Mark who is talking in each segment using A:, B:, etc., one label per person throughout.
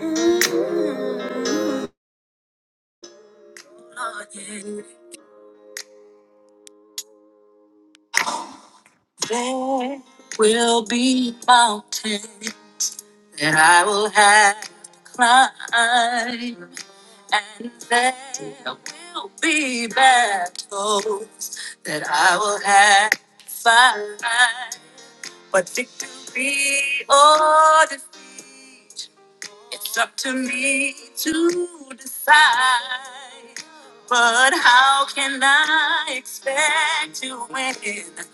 A: There will be mountains that I will have to climb, and there will be battles that I will have to fight. But victory or defeat. It's up to me to decide. But how can I expect to win if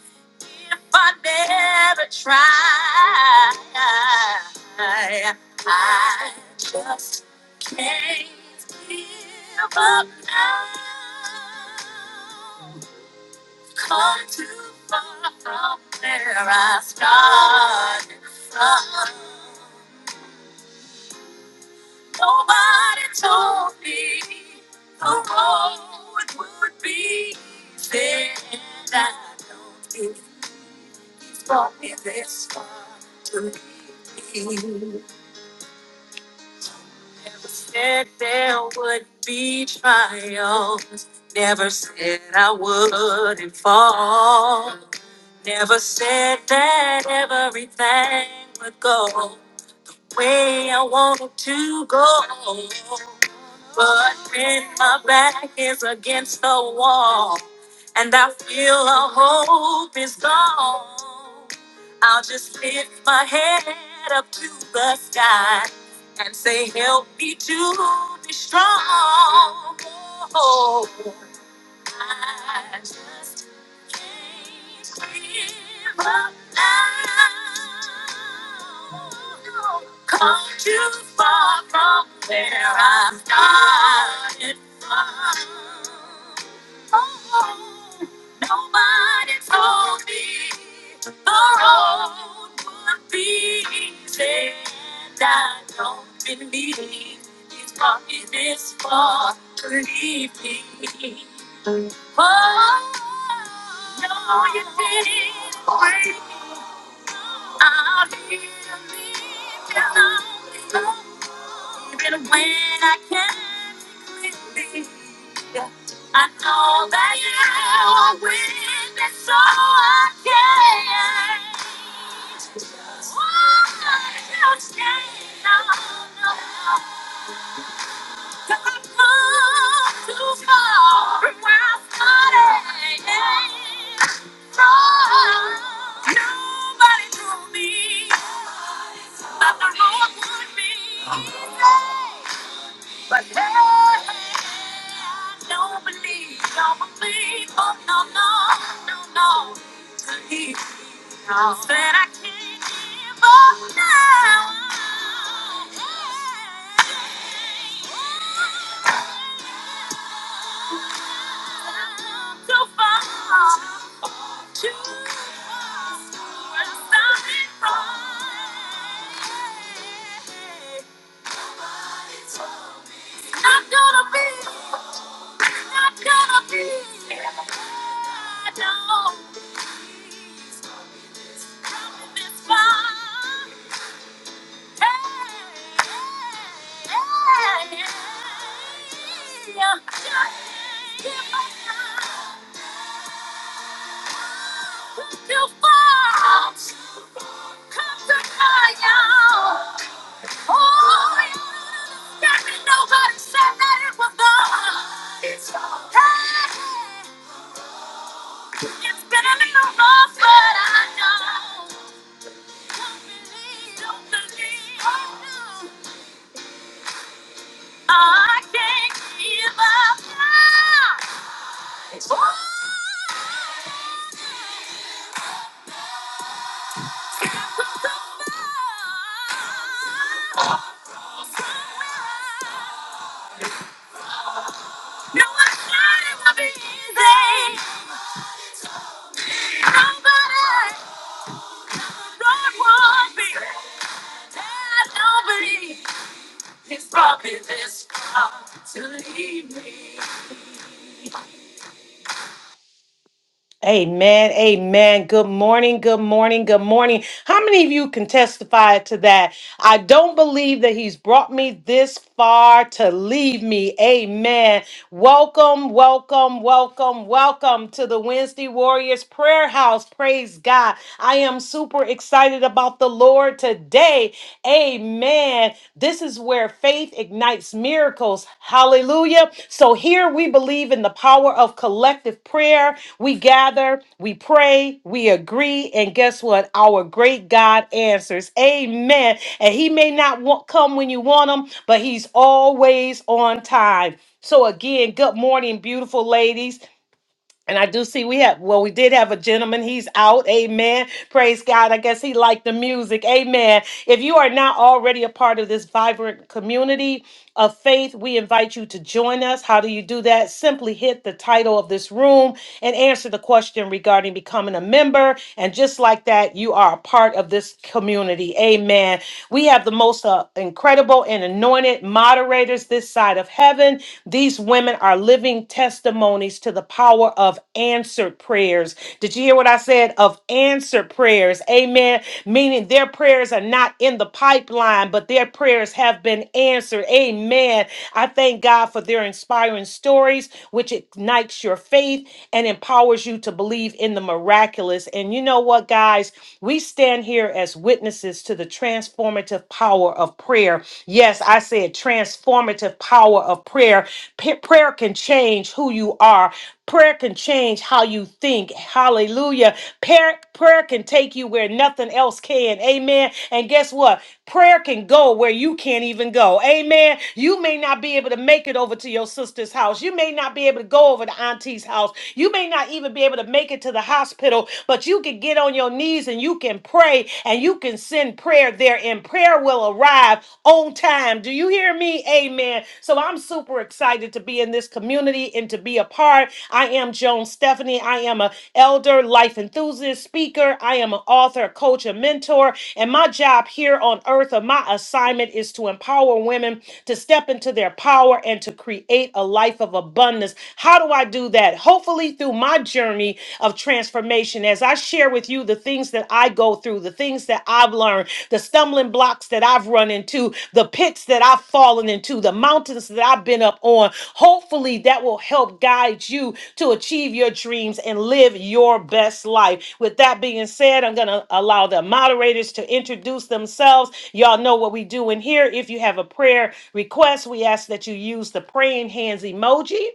A: I never try? I just can't give up now. Come too far from where I started from. Nobody told me the road would be there. And I know you brought me this far to leave me. Never said there would be trials. Never said I wouldn't fall. Never said that everything would go way I wanted to go. But when my back is against the wall and I feel all hope is gone, I'll just lift my head up to the sky and say, Help me to be strong. Oh, I just Come too far from where I started from. Oh, nobody told me the road would be easy. And I don't believe he's brought me this far. Believe me. Oh, no, you didn't break me. I didn't leave you lonely. Even when I can't believe I know that you are with me, so I can't. Oh, you changed. No, no, no. But hey, I don't believe, don't believe, oh no, no, no, no. He All that I can give up now. Too far, too far. We're stopping right. Not gonna be, not gonna be. I don't. It's been a little rough, but I know. Don't believe, don't believe. I can't give up now. It's all No, I thought it would be easy. Nobody thought would be. And nobody is probably this proud to leave me. Amen. Amen. Good morning. Good morning. Good morning. How many of you can testify to that? I don't believe that he's brought me this far to leave me. Amen. Welcome, welcome, welcome, welcome to the Wednesday Warriors Prayer House. Praise God. I am super excited about the Lord today. Amen. This is where faith ignites miracles. Hallelujah. So here we believe in the power of collective prayer. We gather, we pray, we agree, and guess what? Our great God answers. Amen. And He may not want, come when you want Him, but He's always on time. So, again, good morning, beautiful ladies. And I do see we have, well, we did have a gentleman. He's out. Amen. Praise God. I guess he liked the music. Amen. If you are not already a part of this vibrant community of faith, we invite you to join us. How do you do that? Simply hit the title of this room and answer the question regarding becoming a member. And just like that, you are a part of this community. Amen. We have the most uh, incredible and anointed moderators this side of heaven. These women are living testimonies to the power of answered prayers. Did you hear what I said? Of answered prayers. Amen. Meaning their prayers are not in the pipeline, but their prayers have been answered. Amen. I thank God for their inspiring stories, which ignites your faith and empowers you to believe in the miraculous. And you know what, guys? We stand here as witnesses to the transformative power of prayer prayer. Yes, I said transformative power of prayer. P- prayer can change who you are. Prayer can change how you think. Hallelujah. Prayer, prayer can take you where nothing else can. Amen. And guess what? Prayer can go where you can't even go. Amen. You may not be able to make it over to your sister's house. You may not be able to go over to auntie's house. You may not even be able to make it to the hospital, but you can get on your knees and you can pray pray and you can send prayer there, and prayer will arrive on time. Do you hear me? Amen. So I'm super excited to be in this community and to be a part. I am Joan Stephanie. I am a elder, life enthusiast, speaker. I am an author, coach, and mentor. And my job here on earth, or my assignment, is to empower women to step into their power and to create a life of abundance. How do I do that? Hopefully, through my journey of transformation as I share with you the things that I go through, the things that I've learned, the stumbling blocks that I've run into, the pits that I've fallen into, the mountains that I've been up on. Hopefully, that will help guide you to achieve your dreams and live your best life. With that being said, I'm going to allow the moderators to introduce themselves. Y'all know what we do in here. If you have a prayer request, we ask that you use the praying hands emoji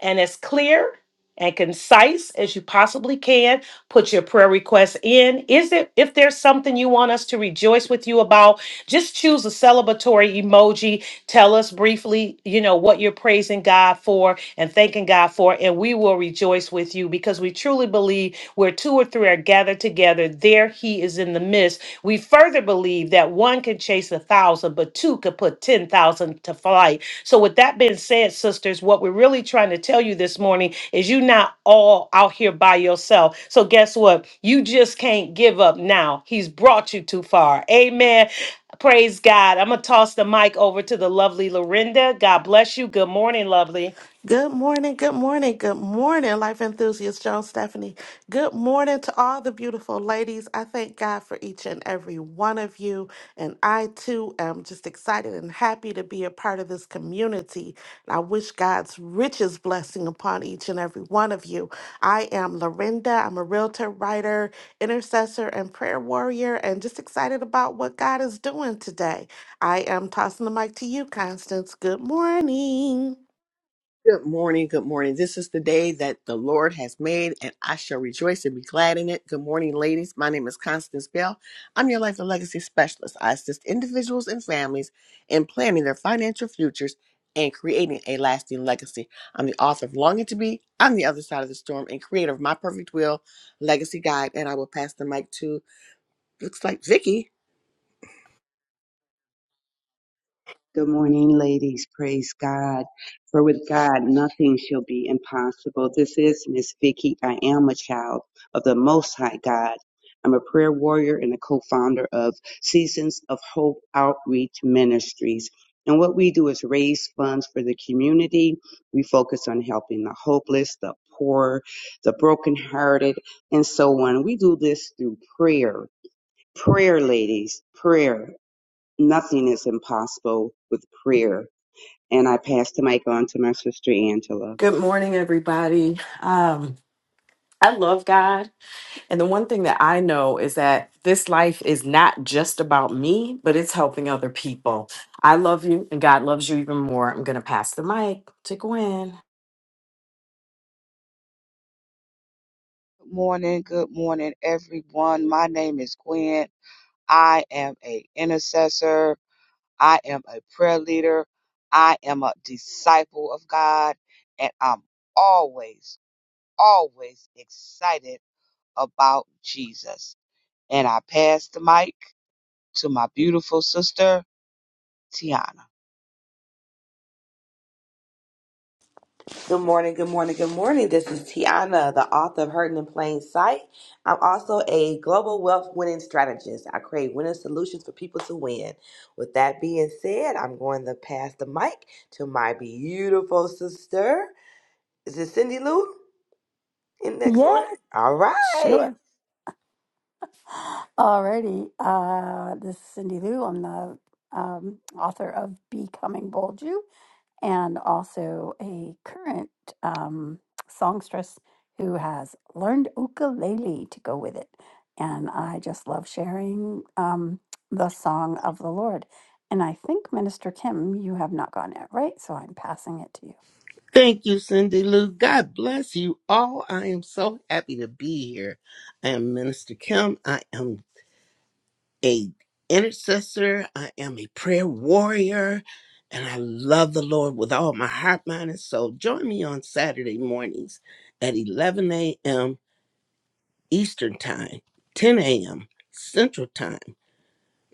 A: and as clear and concise as you possibly can. Put your prayer requests in. Is it if there's something you want us to rejoice with you about, just choose a celebratory emoji. Tell us briefly, you know, what you're praising God for and thanking God for, and we will rejoice with you because we truly believe where two or three are gathered together, there he is in the midst. We further believe that one can chase a thousand, but two could put ten thousand to flight. So, with that being said, sisters, what we're really trying to tell you this morning is you're not all out here by yourself. So, guess what? You just can't give up now. He's brought you too far. Amen. Praise God. I'm going to toss the mic over to the lovely Lorinda. God bless you. Good morning, lovely.
B: Good morning, good morning, good morning, life enthusiast Joan Stephanie. Good morning to all the beautiful ladies. I thank God for each and every one of you. And I too am just excited and happy to be a part of this community. And I wish God's richest blessing upon each and every one of you. I am Lorinda. I'm a realtor, writer, intercessor, and prayer warrior, and just excited about what God is doing today. I am tossing the mic to you, Constance. Good morning.
C: Good morning. Good morning. This is the day that the Lord has made, and I shall rejoice and be glad in it. Good morning, ladies. My name is Constance Bell. I'm your life and legacy specialist. I assist individuals and families in planning their financial futures and creating a lasting legacy. I'm the author of Longing to Be on the Other Side of the Storm and creator of My Perfect Will Legacy Guide. And I will pass the mic to, looks like Vicky.
D: Good morning, ladies. Praise God. For with God, nothing shall be impossible. This is Miss Vicky. I am a child of the Most High God. I'm a prayer warrior and a co-founder of Seasons of Hope Outreach Ministries. And what we do is raise funds for the community. We focus on helping the hopeless, the poor, the brokenhearted, and so on. We do this through prayer. Prayer, ladies, prayer nothing is impossible with prayer. And I pass the mic on to my sister Angela.
E: Good morning, everybody. Um, I love God. And the one thing that I know is that this life is not just about me, but it's helping other people. I love you, and God loves you even more. I'm going to pass the mic to Gwen.
F: Good morning, good morning, everyone. My name is Gwen. I am a intercessor. I am a prayer leader. I am a disciple of God, and I'm always, always excited about Jesus. And I pass the mic to my beautiful sister Tiana.
G: Good morning, good morning, good morning. This is Tiana, the author of Hurting in Plain Sight. I'm also a global wealth winning strategist. I create winning solutions for people to win. With that being said, I'm going to pass the mic to my beautiful sister. Is it Cindy Lou in next
H: Yeah,
G: order? All right.
H: sure. Alrighty. Uh, this is Cindy Lou. I'm the um, author of Becoming Bold You and also a current um, songstress who has learned ukulele to go with it. And I just love sharing um, the song of the Lord. And I think, Minister Kim, you have not gone yet, right? So I'm passing it to you.
I: Thank you, Cindy Lou. God bless you all. I am so happy to be here. I am Minister Kim. I am a intercessor. I am a prayer warrior. And I love the Lord with all my heart, mind, and soul. Join me on Saturday mornings at 11 a.m. Eastern Time, 10 a.m. Central Time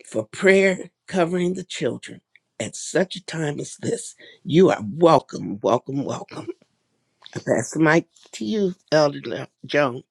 I: for prayer covering the children. At such a time as this, you are welcome, welcome, welcome. I pass the mic to you, Elder Le- Joan.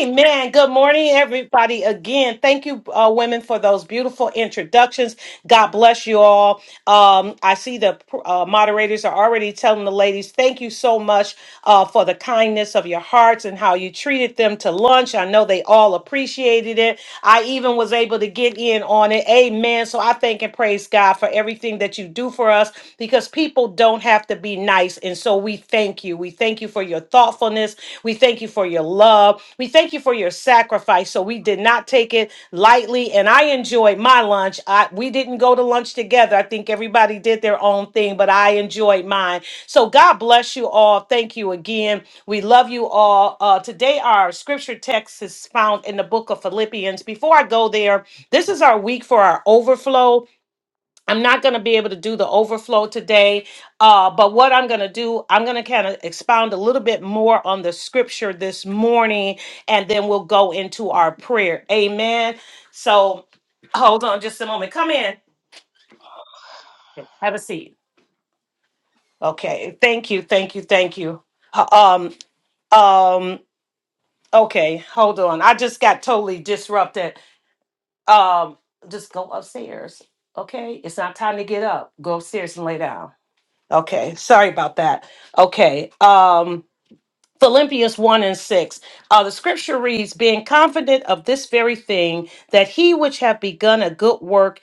A: Amen. Good morning, everybody. Again, thank you, uh, women, for those beautiful introductions. God bless you all. Um, I see the uh, moderators are already telling the ladies, thank you so much uh, for the kindness of your hearts and how you treated them to lunch. I know they all appreciated it. I even was able to get in on it. Amen. So I thank and praise God for everything that you do for us because people don't have to be nice. And so we thank you. We thank you for your thoughtfulness. We thank you for your love. We thank you for your sacrifice. So we did not take it lightly and I enjoyed my lunch. I we didn't go to lunch together. I think everybody did their own thing, but I enjoyed mine. So God bless you all. Thank you again. We love you all. Uh, today our scripture text is found in the book of Philippians. Before I go there, this is our week for our overflow. I'm not going to be able to do the overflow today, uh, but what I'm going to do, I'm going to kind of expound a little bit more on the scripture this morning, and then we'll go into our prayer. Amen. So hold on just a moment. Come in, have a seat. Okay. Thank you. Thank you. Thank you. Uh, Um, um, okay. Hold on. I just got totally disrupted. Um, just go upstairs. Okay. It's not time to get up. Go upstairs and lay down. Okay, sorry about that. Okay, um, Philippians 1 and 6. Uh, the scripture reads, Being confident of this very thing, that he which have begun a good work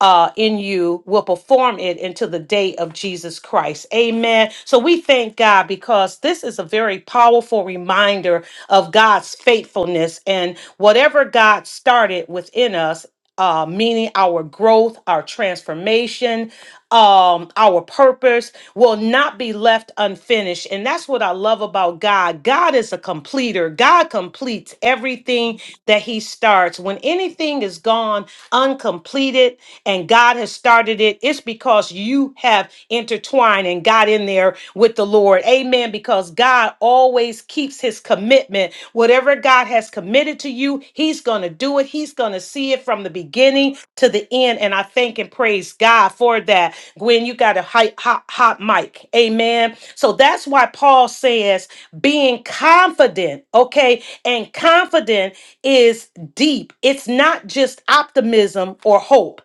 A: uh, in you will perform it until the day of Jesus Christ. Amen. So we thank God because this is a very powerful reminder of God's faithfulness and whatever God started within us. Uh, meaning our growth, our transformation, um, our purpose will not be left unfinished. And that's what I love about God. God is a completer, God completes everything that He starts. When anything is gone uncompleted, and God has started it, it's because you have intertwined and got in there with the Lord. Amen. Because God always keeps his commitment. Whatever God has committed to you, he's going to do it. He's going to see it from the beginning to the end. And I thank and praise God for that. Gwen, you got a hot, hot, hot mic. Amen. So that's why Paul says being confident, okay? And confident is deep. It's not just optimism or hope.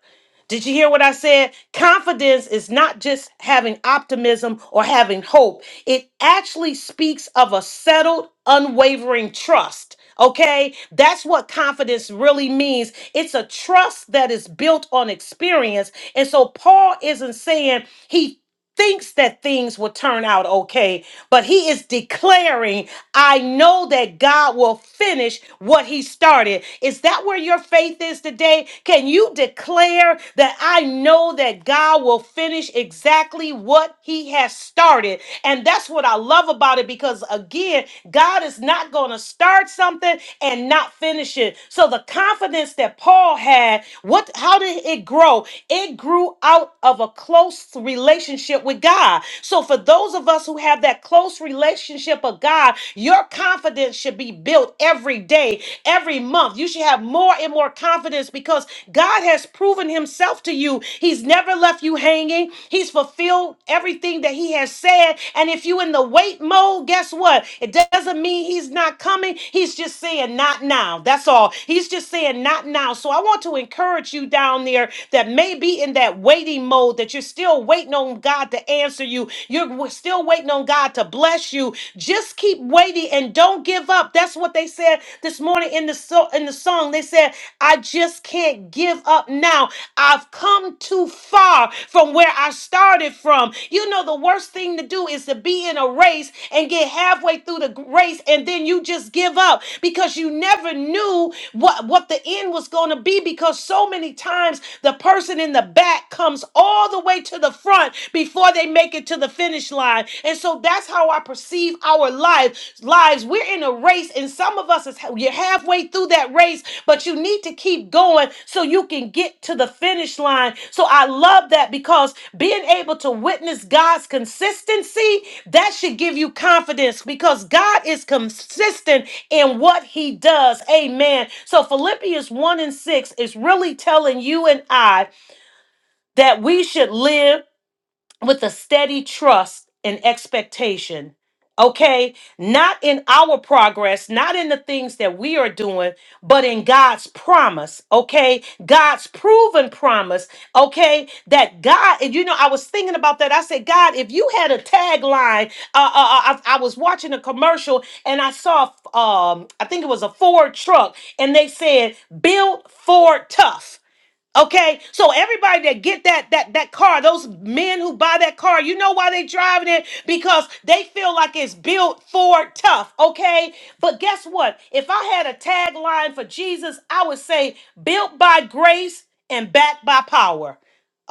A: Did you hear what I said? Confidence is not just having optimism or having hope. It actually speaks of a settled, unwavering trust. Okay? That's what confidence really means. It's a trust that is built on experience. And so Paul isn't saying he thinks that things will turn out okay, but he is declaring, I know that God will finish what he started. Is that where your faith is today? Can you declare that I know that God will finish exactly what he has started? And that's what I love about it because, again, God is not going to start something and not finish it. So the confidence that Paul had, what how did it grow? It grew out of a close relationship with God. So, for those of us who have that close relationship of God, your confidence should be built every day, every month. You should have more and more confidence because God has proven Himself to you. He's never left you hanging, He's fulfilled everything that He has said. And if you in the wait mode, guess what? It doesn't mean He's not coming. He's just saying, not now. That's all. He's just saying, not now. So I want to encourage you down there that may be in that waiting mode that you're still waiting on God to answer you. You're w- still waiting on God to bless you. Just keep waiting and don't give up. That's what they said this morning in the so- in the song. They said, I just can't give up now. I've come too far from where I started from. You know, the worst thing to do is to be in a race and get halfway through the race and then you just give up because you never knew what, what the end was going to be because so many times the person in the back comes all the way to the front before they make it to the finish line. And so that's how I perceive our life lives. We're in a race, and some of us is you're halfway through that race but you need to keep going so you can get to the finish line. So I love that because being able to witness God's consistency, that should give you confidence because God is consistent in what he does. Amen. So Philippians 1 and 6 is really telling you and I that we should live with a steady trust and expectation. Okay, not in our progress, not in the things that we are doing, but in God's promise. Okay, God's proven promise. Okay, that God, and you know, I was thinking about that. I said, God, if you had a tagline, uh, uh, uh, I, I was watching a commercial and I saw, um, I think it was a Ford truck, and they said, "Built Ford tough." Okay, so everybody that get that that that car, those men who buy that car, you know why they driving it because they feel like it's built for tough. Okay, but guess what? If I had a tagline for Jesus, I would say, "Built by grace and backed by power."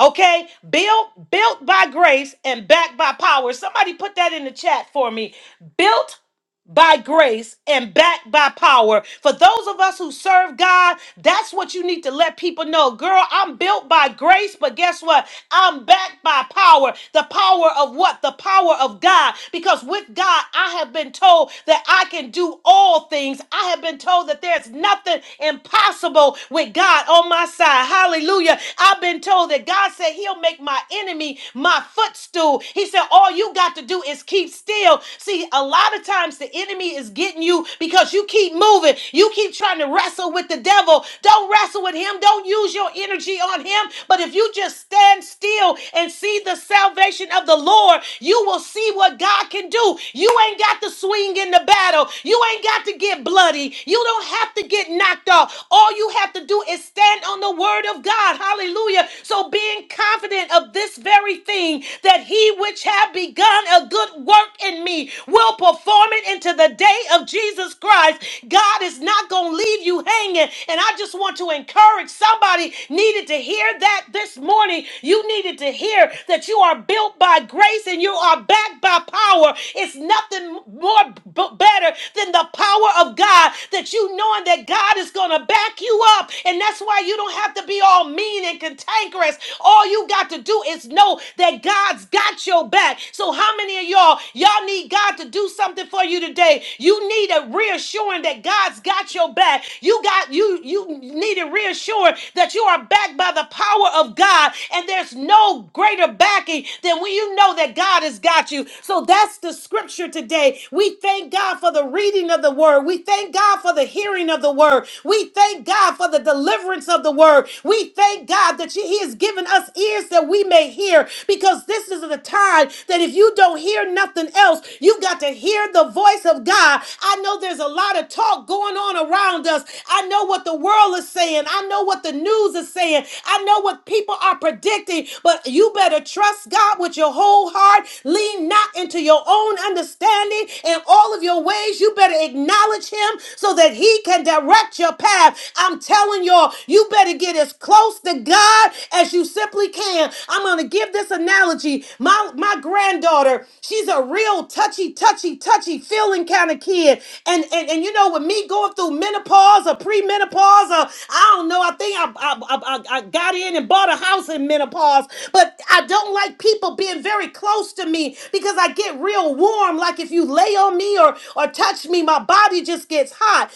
A: Okay, built built by grace and backed by power. Somebody put that in the chat for me. Built by grace and backed by power. For those of us who serve God, that's what you need to let people know. Girl, I'm built by grace, but guess what? I'm backed by power. The power of what? The power of God. Because with God, I have been told that I can do all things. I have been told that there's nothing impossible with God on my side. Hallelujah. I've been told that God said he'll make my enemy my footstool. He said all you got to do is keep keep still. See, a lot of times the enemy is getting you because you keep moving. You keep trying to wrestle with the devil. Don't wrestle with him. Don't use your energy on him. But if you just stand still and see the salvation of the Lord, you will see what God can do. You ain't got to swing in the battle. You ain't got to get bloody. You don't have to get knocked off. All you have to do is stand on the word of God. Hallelujah. So being confident of this very thing that he which have begun a good work in me will perform it into the day of Jesus Christ. God is not going to leave you hanging. And I just want to encourage somebody needed to hear that this morning. You needed to hear that you are built by grace and you are backed by power. It's nothing more b- better than the power of God that you knowing that God is going to back you up. And that's why you don't have to be all mean and cantankerous. All you got you got to do is know that God's got your back. So, how many of y'all, y'all need God to do something for you today? You need a reassuring that God's got your back. You got you you need a reassuring that you are backed by the power of God, and there's no greater backing than when you know that God has got you. So that's the scripture today. We thank God for the reading of the word. We thank God for the hearing of the word. We thank God for the deliverance of the word. We we thank God that He has given us ears that we may hear because this is the time that if you don't hear nothing else, you've got to hear the voice of God. I know there's a lot of talk going on around us. I know what the world is saying. I know what the news is saying. I know what people are predicting, but you better trust God with your whole heart. Lean not into your own understanding in all of your ways. You better acknowledge Him so that He can direct your path. I'm I'm telling y'all, you better get as close to God as you simply can. I'm gonna give this analogy. My my granddaughter, she's a real touchy, touchy, touchy feeling kind of kid. And and and you know, with me going through menopause or premenopause, or I don't know, I think I I, I, I I got in and bought a house in menopause, but I don't like people being very close to me because I get real warm. Like if you lay on me or or touch me, my body just gets hot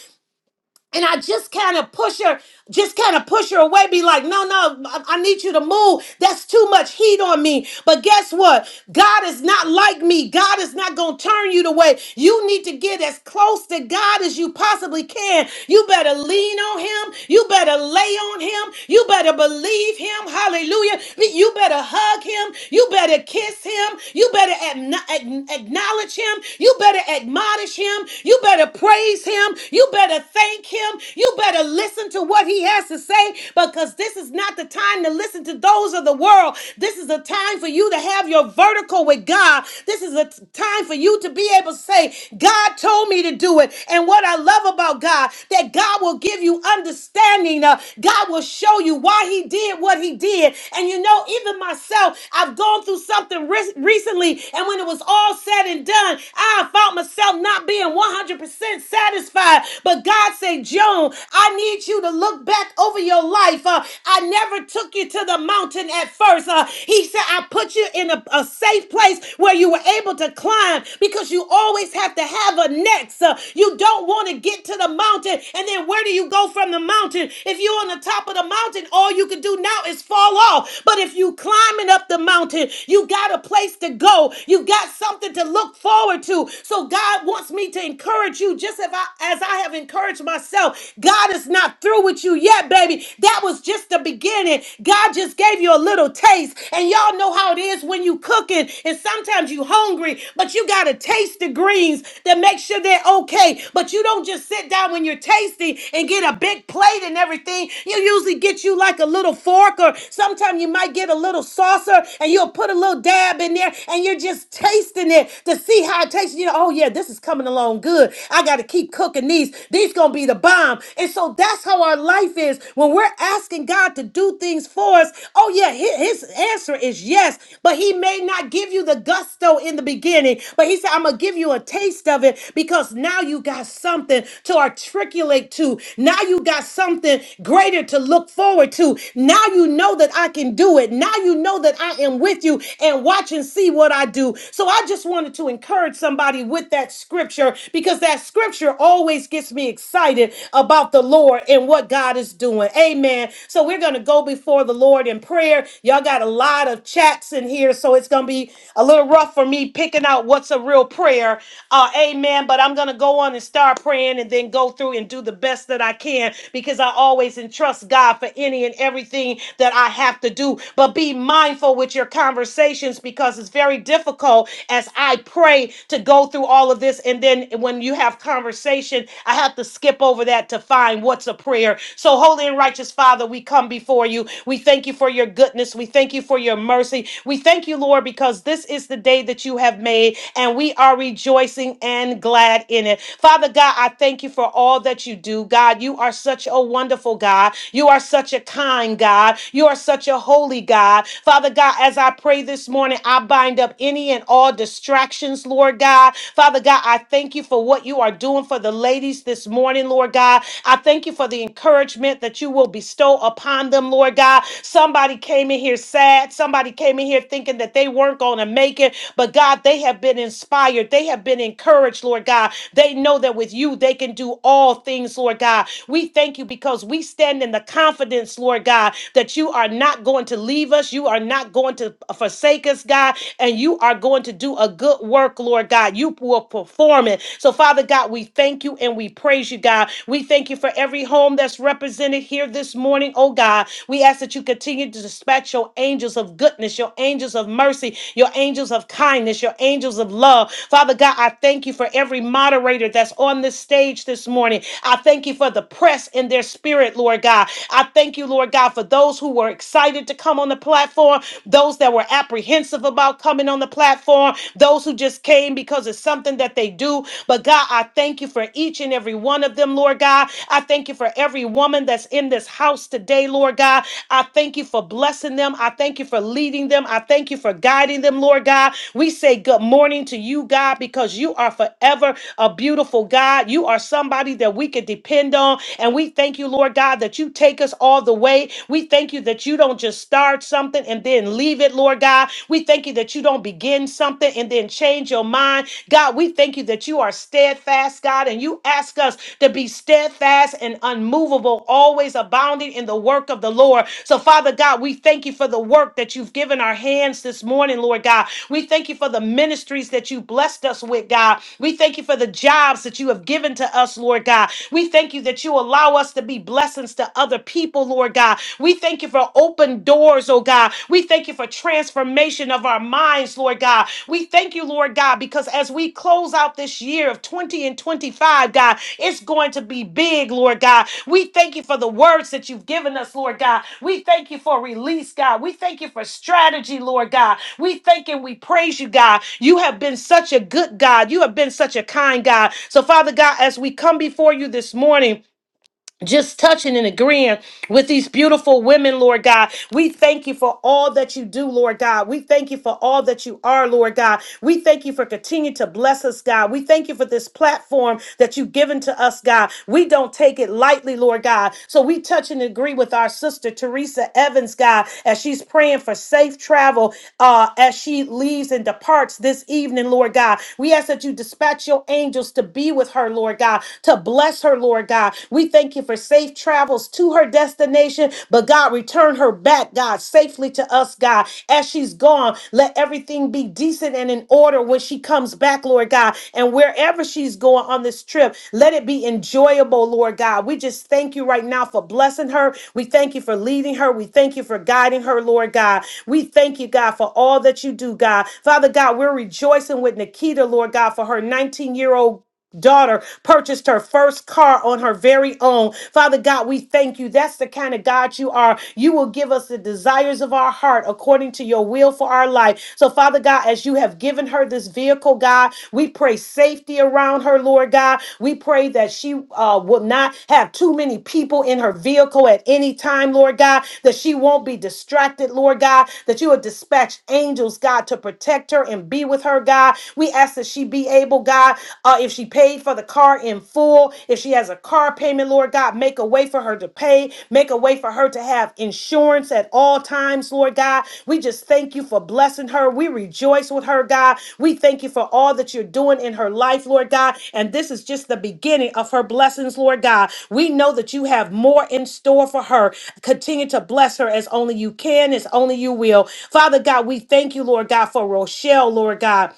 A: and I just kind of push her, just kind of push her away, be like, no, no, I, I need you to move. That's too much heat on me. But guess what? God is not like me. God is not going to turn you the way. You need to get as close to God as you possibly can. You better lean on Him. You better lay on Him. You better believe Him. Hallelujah. You better hug Him. You better kiss Him. You better acknow- acknowledge Him. You better admonish Him. You better praise Him him. You better thank him. You better listen to what he has to say because this is not the time to listen to those of the world. This is a time for you to have your vertical with God. This is a t- time for you to be able to say, God told me to do it. And what I love about God, that God will give you understanding. uh, God will show you why he did what he did. And you know, even myself, I've gone through something re- recently. And when it was all said and done, I found myself not being 100%. 100% satisfied. But God said, Joan, I need you to look back over your life. Uh, I never took you to the mountain at first. Uh, he said, I put you in a, a safe place where you were able to climb because you always have to have a next. Uh, you don't want to get to the mountain. And then where do you go from the mountain? If you're on the top of the mountain, all you can do now is fall off. But if you climbing up the mountain, you got a place to go. You got something to look forward to. So God God wants me to encourage you just as I, as I have encouraged myself. God is not through with you yet, baby. That was just the beginning. God just gave you a little taste. And y'all know how it is when you cooking and sometimes you hungry, but you got to taste the greens to make sure they're okay. But you don't just sit down when you're tasting and get a big plate and everything. You usually get you like a little fork or sometimes you might get a little saucer and you'll put a little dab in there and you're just tasting it to see see how it tastes? you. know, oh yeah, this is coming along good. I got to keep cooking these. These gonna be the bomb. And so that's how our life is when we're asking God to do things for us. Oh yeah, hi- His answer is yes, but He may not give you the gusto in the beginning. But He said, "I'm gonna give you a taste of it because now you got something to articulate to. Now you got something greater to look forward to. Now you know that I can do it. Now you know that I am with you and watch and see what I do you. So I just wanted to encourage somebody with that scripture because that scripture always gets me excited about the Lord and what God is doing. Amen. So we're going to go before the Lord in prayer. Y'all got a lot of chats in here, so it's going to be a little rough for me picking out what's a real prayer. Uh, amen. But I'm going to go on and start praying and then go through and do the best that I can because I always entrust God for any and everything that I have to do. But be mindful with your conversations because it's very difficult as I pray to go through all of this. And then when you have conversation, I have to skip over that to find what's a prayer. So, holy and righteous Father, we come before you. We thank you for your goodness. We thank you for your mercy. We thank you, Lord, because this is the day that you have made, and we are rejoicing and glad in it. Father God, I thank you for all that you do. God, you are such a wonderful God. You are such a kind God. You are such a holy God. Father God, God, as I pray this morning, I bind up any and all distractions, Lord God. Father God, I thank you for what you are doing for the ladies this morning, Lord God. I thank you for the encouragement that you will bestow upon them, Lord God. Somebody came in here sad. Somebody came in here thinking that they weren't going to make it. But God, they have been inspired. They have been encouraged, Lord God. They know that with you, they can do all things, Lord God. We thank you because we stand in the confidence, Lord God, that you are not going to leave us. You are not going to forsake us, God, and you are going to do a good work, Lord God. You will perform it. So, Father God, we thank you and we praise you, God. We thank you for every home that's represented here this morning, oh God. We ask that you continue to dispatch your angels of goodness, your angels of mercy, your angels of kindness, your angels of love. Father God, I thank you for every moderator that's on this stage this morning. I thank you for the press in their spirit, Lord God. I thank you, Lord God, for those those who were excited to come on the platform, those that were apprehensive about coming on the platform, those who just came because it's something that they do. But God, I thank you for each and every one of them, Lord God. I thank you for every woman that's in this house today, Lord God. I thank you for blessing them. I thank you for leading them. I thank you for guiding them, Lord God. We say good morning to you, God, because you are forever a beautiful God. You are somebody that we can depend on. And we thank you, Lord God, that you take us all the way. We thank you that you don't just start something and then leave it, Lord God. We thank you that you don't begin something and then change your mind. God, we thank you that you are steadfast, God, and you ask us to be steadfast and unmovable, always abounding in the work of the Lord. So, Father God, we thank you for the work that you've given our hands this morning, Lord God. We thank you for the ministries that you blessed us with, God. We thank you for the jobs that you have given to us, Lord God. We thank you that you allow us to be blessed blessings to other people, Lord God. We thank you for open doors, oh God. We thank you for transformation of our minds, Lord God. We thank you, Lord God, because as we close out this year of 20 and 25, God, it's going to be big, Lord God. We thank you for the words that you've given us, Lord God. We thank you for release, God. We thank you for strategy, Lord God. We thank and we praise you, God. You have been such a good God. You have been such a kind God. So, Father God, as we come before you this morning, just touching and agreeing with these beautiful women, Lord God. We thank you for all that you do, Lord God. We thank you for all that you are, Lord God. We thank you for continuing to bless us, God. We thank you for this platform that you've given to us, God. We don't take it lightly, Lord God. So we touch and agree with our sister, Teresa Evans, God, as she's praying for safe travel uh, as she leaves and departs this evening, Lord God. We ask that you dispatch your angels to be with her, Lord God, to Bless her, Lord God. We thank you for safe travels to her destination, but God, return her back, God, safely to us, God. As she's gone, let everything be decent and in order when she comes back, Lord God. And wherever she's going on this trip, let it be enjoyable, Lord God. We just thank you right now for blessing her. We thank you for leading her. We thank you for guiding her, Lord God. We thank you, God, for all that you do, God. Father God, we're rejoicing with Nikita, Lord God, for her 19 year old daughter purchased her first car on her very own. Father God, we thank you. That's the kind of God you are. You will give us the desires of our heart according to your will for our life. So, Father God, as you have given her this vehicle, God, we pray safety around her, Lord God. We pray that she uh, will not have too many people in her vehicle at any time, Lord God, that she won't be distracted, Lord God, that you will dispatch angels, God, to protect her and be with her, God. We ask that she be able able, God, uh, if she paid for the car in full, if she has a car payment, Lord God, make a way for her to pay, make a way for her to have insurance at all times, Lord God. We just thank you for blessing her. We rejoice with her, God. We thank you for all that you're doing in her life, Lord God. And this is just the beginning of her blessings, Lord God. We know that you have more in store for her. Continue to bless her as only you can, as only you will. Father God, we thank you, Lord God, for Rochelle, Lord God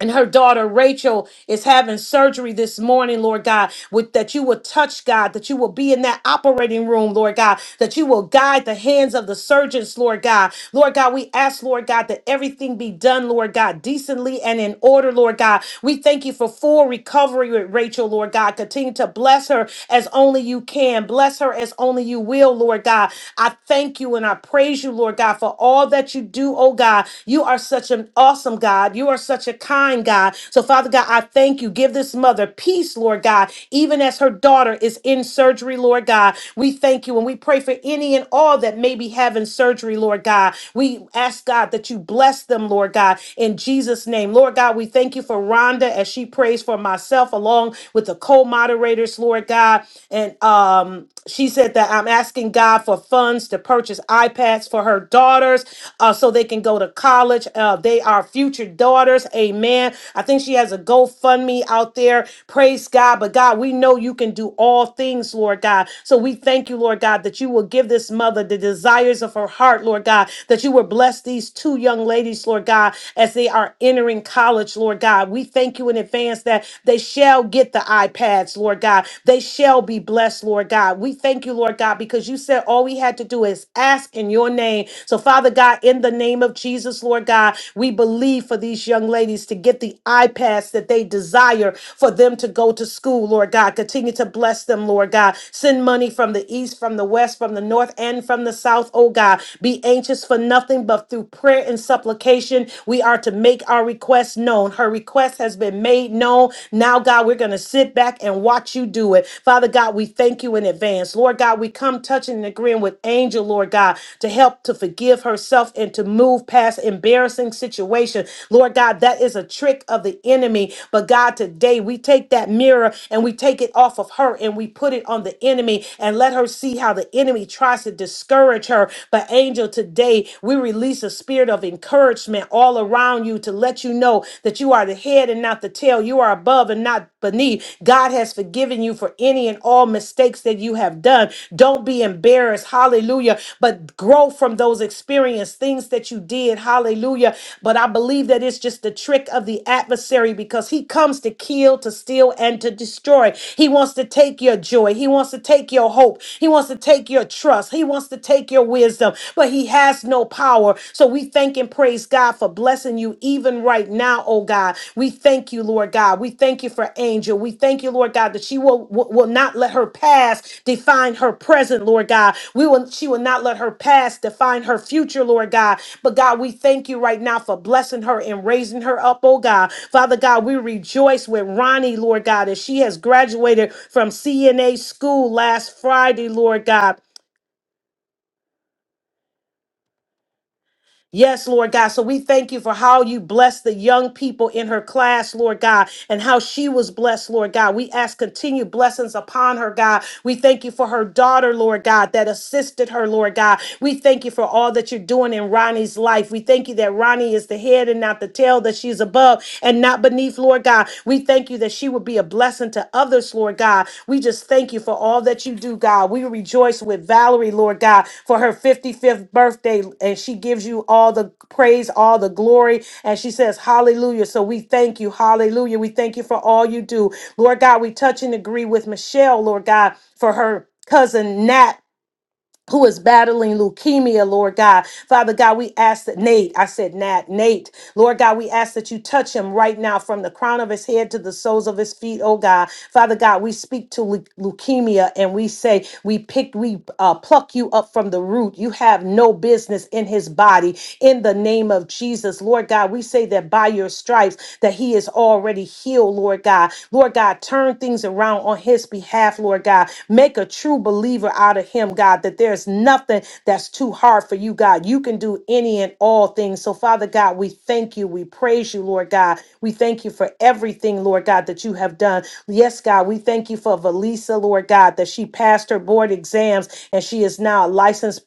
A: and her daughter Rachel is having surgery this morning, Lord God, with that you will touch God, that you will be in that operating room, Lord God, that you will guide the hands of the surgeons, Lord God. Lord God, we ask, Lord God, that everything be done, Lord God, decently and in order, Lord God. We thank you for full recovery with Rachel, Lord God. Continue to bless her as only you can. Bless her as only you will, Lord God. I thank you and I praise you, Lord God, for all that you do, oh oh God. You are such an awesome God. You are such a kind God. So, Father God, I thank you. Give this mother peace, Lord God, even as her daughter is in surgery, Lord God. We thank you and we pray for any and all that may be having surgery, Lord God. We ask, God, that you bless them, Lord God, in Jesus' name. Lord God, we thank you for Rhonda as she prays for myself along with the co moderators, Lord God. And um, she said that I'm asking God for funds funds to purchase iPads for her daughters uh, so they can go to college. Uh, they are future daughters. Amen. I think she has a GoFundMe out there. Praise God. But God, we know you can do all things, Lord God. So we thank you, Lord God, that you will give this mother the desires of her heart, Lord God, that you will bless these two young ladies, Lord God, as they are entering college, Lord God. We thank you in advance that they shall get the iPads, Lord God. They shall be blessed blessed, Lord God. We thank you, Lord God, because you said all we had to do is ask in your name. So, Father God, in the name of Jesus, Lord God, we believe for these young ladies to get the iPads that they desire for them to go to school, Lord God. Continue to bless them, Lord God. Send money from the east, from the west, from the north, and from the south, oh God. Be anxious for nothing but through prayer and supplication, we are to make our requests known. Her request has been made known. Now, God, we're going to sit back and watch you do it. Father God, we thank you in advance. Lord God, we come touching and agreeing with Angel, Lord God, to help to forgive herself and to move past embarrassing situation. Lord God, that is a trick of the enemy. But God, today we take that mirror and we take it off of her and we put it on the enemy and let her see how the enemy tries to discourage her. But Angel, today we release a spirit of encouragement all around you to to let you know that you are the head and not the tail. You are above and not beneath. God has forgiven you for any and all mistakes that you have done. Don't be embarrassed. Hallelujah. But grow from those experiences, things that you did. Hallelujah. But I believe that it's just the trick of the adversary because he comes to kill, to steal, and to destroy. He wants to take your joy. He wants to take your hope. He wants to take your trust. He wants to take your wisdom. But he has no no power. So we thank and praise God for blessing you even right now, oh God. We thank you, Lord God. We thank you for Angel. We thank you, Lord God, that she will will will not let her past define her present, Lord God. We will she will not let her past define her future, Lord God. But God, we thank you right now for blessing her and raising her up, oh God. Father God, we rejoice with Ronnie, Lord God, as she has graduated from CNA school last Friday, Lord God. Yes, Lord God. So we thank you for how you blessed the young people in her class, Lord God, and how she was blessed, Lord God. We ask continued blessings upon her, God. We thank you for her daughter, Lord God, that assisted her, Lord God. We thank you for all that you're doing in Ronnie's life. We thank you that Ronnie is the head and not the tail, that she's above and not beneath, Lord God. We thank you thank you that she would be a blessing to others, Lord God. We just thank you for all that you do, God. We rejoice with Valerie, Lord God, for her 55th birthday, and she gives you all the praise, all the glory, and she says, Hallelujah. So we thank you, Hallelujah. We thank you for all you do, Lord God. We touch and agree with Michelle, Lord God, for her cousin Nat who is battling leukemia, Lord God. Father God, we ask that Nate, I said Nat, Nate, Lord God, we ask that you touch him right now from the crown of his head to the soles of his feet, oh God. Father God, we speak to leu- leukemia and we say, we pick, we uh, pluck you up from the root. You have no business in his body in the name of Jesus. Lord God, we say that by your stripes that he is already already healed, Lord God. Lord God, turn things around on his behalf, Lord God. Make a true believer out of him, God, that there's nothing that's too hard for you, God. You can do any and all things. So, Father God, we thank you. We praise you, Lord God. We thank you for everything, Lord God, that you have done. Yes, God, we thank you for Valisa, Lord God, that she passed her board exams and she is now a licensed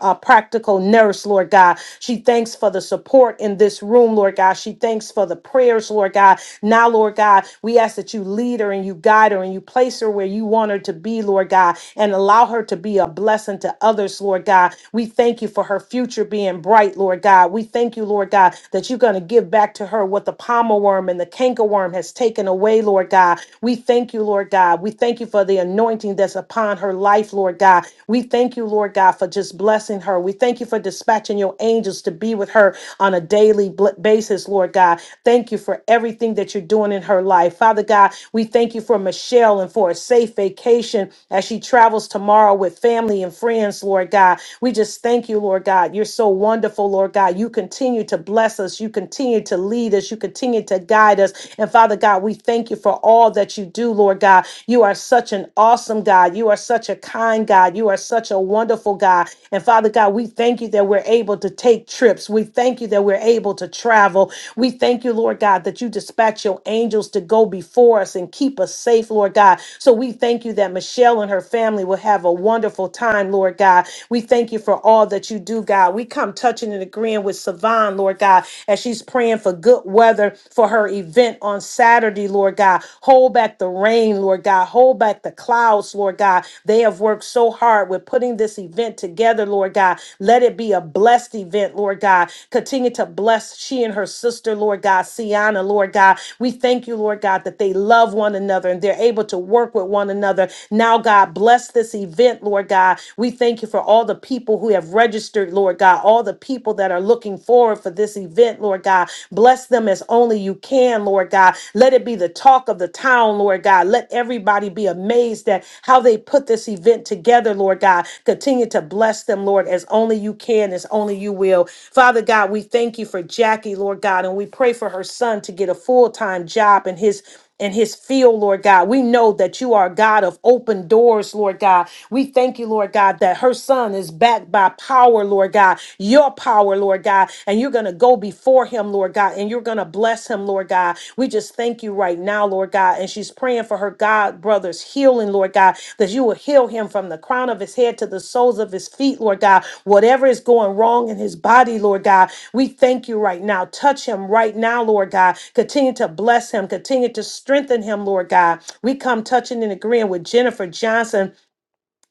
A: uh, practical nurse, Lord God. She thanks for the support in this room, Lord God. She thanks for the prayers, Lord God. Now, Lord God, we ask that you lead her and you guide her and you place her where you want her to be, Lord God, and allow her to be a blessing to others, Lord God. We thank you for her future being bright, Lord God. We thank you, Lord God, that you're going to give back to her what the palmer worm and the canker worm has taken away, Lord God. We thank you, Lord God. We thank you for the anointing that's upon her her life, Lord God. We thank you, Lord God, for just blessing her. We thank you for dispatching your angels to be with her on a daily bl- basis, Lord God. Thank you for everything that you're doing in her life. Father God, we thank you for Michelle and for a safe vacation as she travels tomorrow with family and friends, Lord God. We just thank you, Lord God. You're so wonderful, Lord God. You continue to bless us. You continue to lead us. You continue to guide us. And Father God, we thank you for all that you do do, Lord God. You are such an awesome God. You are such a kind God. You are such a wonderful God. And Father God, we thank you that we're able to take trips. We thank you that we're able to travel. We thank you, Lord God, that you dispatch your angels to go before us and keep us safe, Lord God. So we thank you that Michelle and her family will have a wonderful time, Lord God. We thank you for all that you do, God. We come touching and agreeing with Savon, Lord God, as she's praying for good weather for her event on Saturday, Lord God. Hold back the rain, Lord God. Hold back the clouds, Lord God. They have worked so hard with putting this event together, Lord God. Let it be a blessed event, Lord God. Continue to bless she and her sister, Lord God, Sienna, Lord God. We thank you, Lord God, that they love one another and they're able to work with one another. Now, God, bless this event, Lord God. We thank you for all the people who have registered, Lord God, all the people that are looking forward forward for this event, Lord God. Bless them as only you can, Lord God. Let it be the talk of the town, Lord God. Let everybody be amazed at how they put this event together, Lord God. Continue to bless them, Lord, as only you can, as only you will. Father God, we thank you for Jackie, Lord God, and we pray for her son to get a full time job and his in his field, Lord God. We know that you are a God of open doors, Lord God. We thank you, Lord God, that her son is backed by power, Lord God, your power, Lord God. And you're going to go before him, Lord God, and you're going to bless him, Lord God. We just thank you right now, Lord God. And she's praying for her God brother's healing, Lord God, that you will heal him from the crown of his head to the soles of his feet, Lord God. Whatever is going wrong in his body, Lord God, we thank you right now. Touch him right now, Lord God. Continue to bless him, continue to strengthen him, Lord God. We come touching and agreeing with Jennifer Johnson.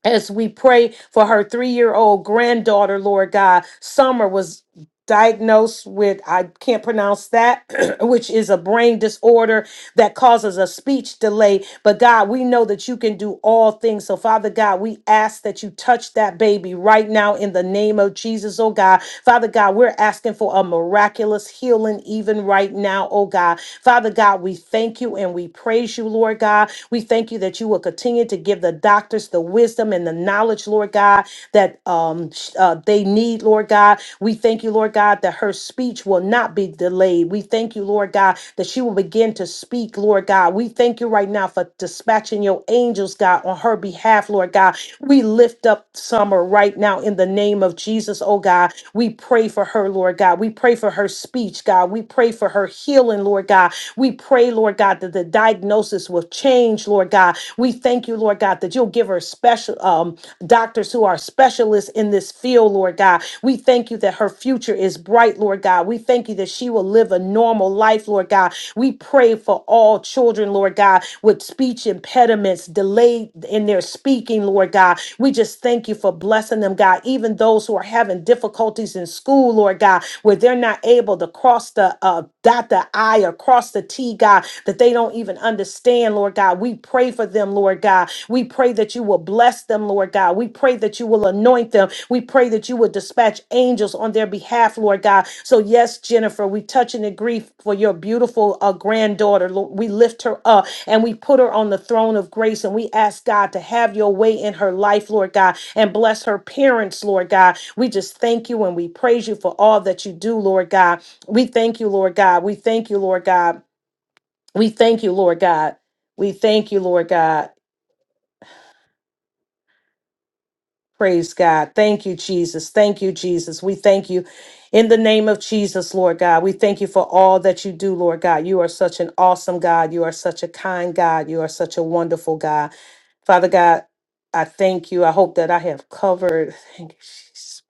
A: As we pray for her three year old granddaughter, Lord God, Summer was diagnosed with I can't pronounce that, which is a brain disorder that causes a speech delay. But God, we know that you can do all things. So Father God, we ask that you touch that baby right now in the name of Jesus, oh God. Father God, we're asking for a miraculous healing even right now, oh God. Father God, we thank you and we praise you, Lord God. We thank you that you will continue to give the doctors the wisdom and the knowledge, much, Lord God, that um, sh- uh, they need, Lord God. We thank you, Lord God, that her speech will not be delayed. We thank you, Lord God, that she will begin to speak, Lord God. We thank you right now for dispatching your angels, God, on her behalf, Lord God. We lift up Summer right now in the name of Jesus, oh God. We pray for her, Lord God. We pray for her speech, God. We pray for her healing, Lord God. We pray, Lord God, that the diagnosis will of change, Lord God. We thank you, Lord God, that you'll give her special um, doctors who are specialists in this field, Lord God. We thank you that her future is bright, Lord God. We thank you that she will live a normal life, Lord God. We pray for all children, Lord God, with speech impediments, delayed in their speaking, Lord God. We just thank you for blessing them, God. Even those who are having difficulties in school, Lord God, where they're not able to cross the the uh, dot the I or cross the T, God, that they don't even understand, Lord God. We pray for them, Lord God. We pray that you will bless them, Lord God. We pray that you will anoint them. We pray that you will dispatch angels on their behalf, Lord God. So, yes, Jennifer, we touch and agree for your beautiful uh, granddaughter. Lord. We lift her up and we put her on the throne of grace and we ask God to have your way in her life, Lord God, and bless her parents, Lord God. We just thank you and we praise you for all that you do, Lord God. We thank you, Lord God. We thank you, Lord God. We thank you, Lord God. We thank you, Lord God. Praise God. Thank you, Jesus. Thank you, Jesus. We thank you in the name of Jesus, Lord God. We thank you for all that you do, Lord God. You are such an awesome God. You are such a kind God. You are such a wonderful God. Father God, I thank you. I hope that I have covered. Thank you, Jesus.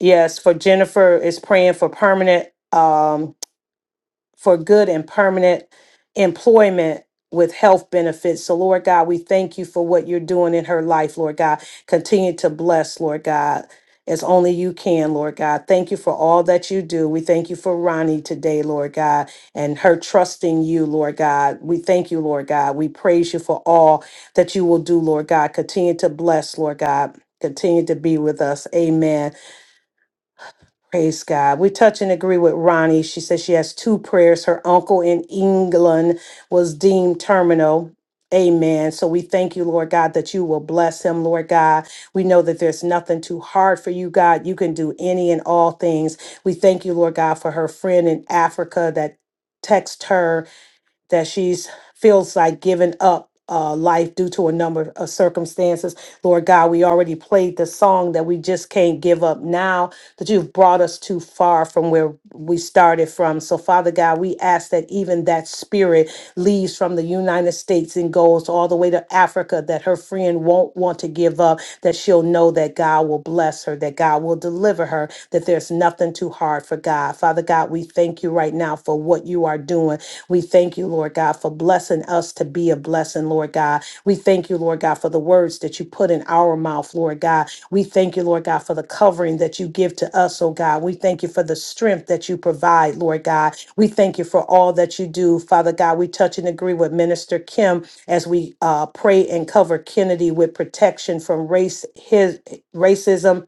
A: Yes, for Jennifer is praying for permanent. Um, for good and permanent employment with health benefits. So, Lord God, we thank you for what you're doing in her life, Lord God. Continue to bless, Lord God, as only you can, Lord God. Thank you for all that you do. We thank you for Ronnie today, Lord God, and her trusting you, Lord God. We thank you, Lord God. We praise you for all that you will do, Lord God. Continue to bless, Lord God. Continue to be with us. Amen. Praise God. We touch and agree with Ronnie. She says she has two prayers. Her uncle in England was deemed terminal. Amen. So we thank you, Lord God, that you will bless him, Lord God. We know that there's nothing too hard for you, God. You can do any and all things. We thank you, Lord God, for her friend in Africa that. Text her that she's feels like giving up uh, life due to a number of circumstances. Lord God, we already played the song that we just can't give up now that you've brought us too far from where we started from. So, Father God, we ask that even that spirit leaves from the United States and goes all the way to Africa, that her friend won't want to give up, that she'll know that God will bless her, that God will deliver her, that there's nothing too hard for God. Father God, we thank you right now for what you are doing. We thank you, Lord God, for blessing us to be a blessing, Lord God. We thank you, Lord God, for the words that you put in our mouth, Lord God. We thank you, Lord God, for the covering that you give to us, oh God. We thank you for the strength that you provide, Lord God. We thank you for all that you do, Father God. We touch and agree with Minister Kim as we uh, pray and cover Kennedy with protection from race, his racism,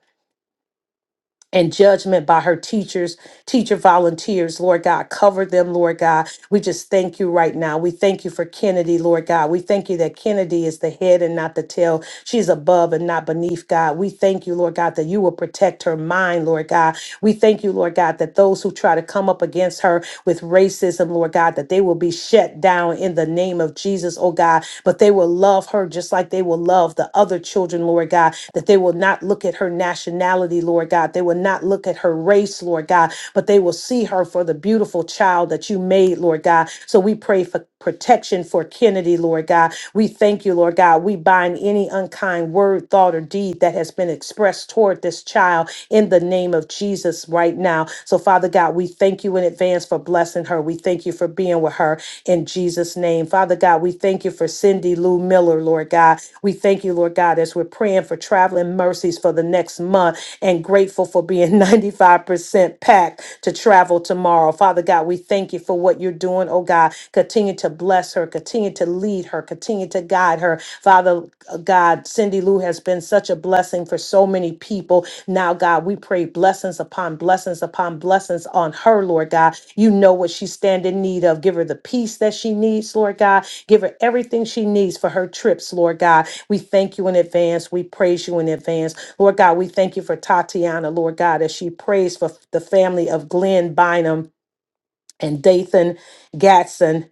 A: and judgment by her teachers, teacher volunteers, Lord God. Cover them, Lord God. We just thank you right now. We thank you for Kennedy, Lord God. We thank you that Kennedy is the head and not the tail. She's above and not beneath, God. We thank you, Lord God, that you will protect her mind, Lord God. We thank you, Lord God, that those who try to come up against her with racism, Lord God, that they will be shut down in the name of Jesus, oh God but they will love her just like they will love the other children, Lord God, that they will not look at her nationality, Lord God. They will not look at her race, Lord God, but they will see her for the beautiful child that you made, Lord God. So we pray for protection for Kennedy, Lord God. We thank you, Lord God. We bind any unkind word, thought, or deed that has been expressed toward this child in the name of Jesus right now now. So, Father God, we thank you in advance for blessing her. We thank you for being with her in Jesus' name. Father God, we thank you for Cindy Lou Miller, Lord God. We thank you, Lord God, as we're praying for traveling mercies for the next month and grateful for being 95% packed to travel tomorrow. Father God, we thank you for what you're doing, oh God. Continue to bless her, continue to lead her, continue to guide her. Father, uh, God, Cindy Lou has been such a blessing for so many people. Now, God, we pray blessings upon blessings upon blessings on her, Lord God. You know what she stand in need of. Give her the peace that she needs, Lord God. Give her everything she needs for her trips, Lord God. We thank you in advance. We praise you in advance. Lord God, we thank you for Tatiana, Lord God, as she prays for the family of Glenn Bynum and Dathan Gatson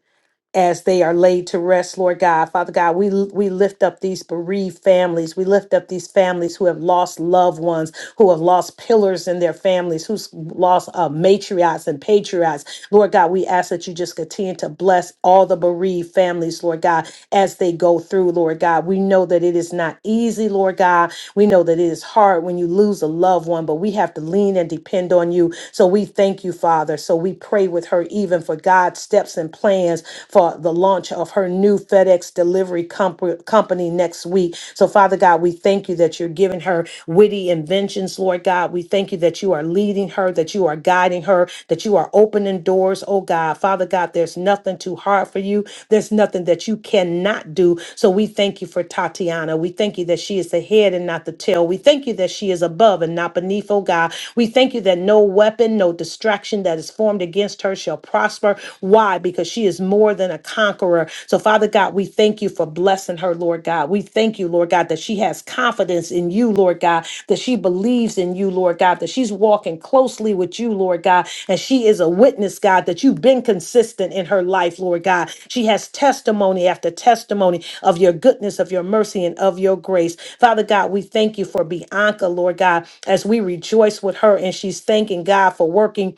A: as they are laid to rest, Lord God. Father God, we we lift up these bereaved families. We lift up these families who have lost loved ones who have lost pillars in their families, who's lost uh, matriarchs and patriarchs. Lord God, we ask that you just continue to bless all the bereaved families, Lord God, as they go through, Lord God. We know that it is not easy, Lord God. We know that it is hard when you lose a loved one, but we have to lean and depend on you. So we thank you, Father. So we pray with her even for God's steps and plans for the launch of her new FedEx delivery comp- company next next week. So, Father God, we thank you that you're giving her witty inventions, Lord God. We thank you that you are leading her, that you are guiding her, that you are opening doors, oh God. Father God, there's nothing too hard for you. There's nothing that you cannot do. So we thank you for Tatiana. We thank you that she is the head and not the tail. We thank you that she is above and not beneath, oh God. We thank you that no weapon, no distraction that is formed against her shall prosper. Why? Because she is more more than a conqueror. So, Father God, we thank you for blessing her, Lord God. We thank you, Lord God, that she has confidence in you, Lord God, that she believes in you, Lord God, that she's walking closely with you, Lord God, and she is a witness, God, that you've been consistent in her life, Lord God. She has testimony after testimony of your goodness, of your mercy, and of your grace. Father God, we thank you for Bianca, Lord God, as we rejoice with her and she's thanking God for working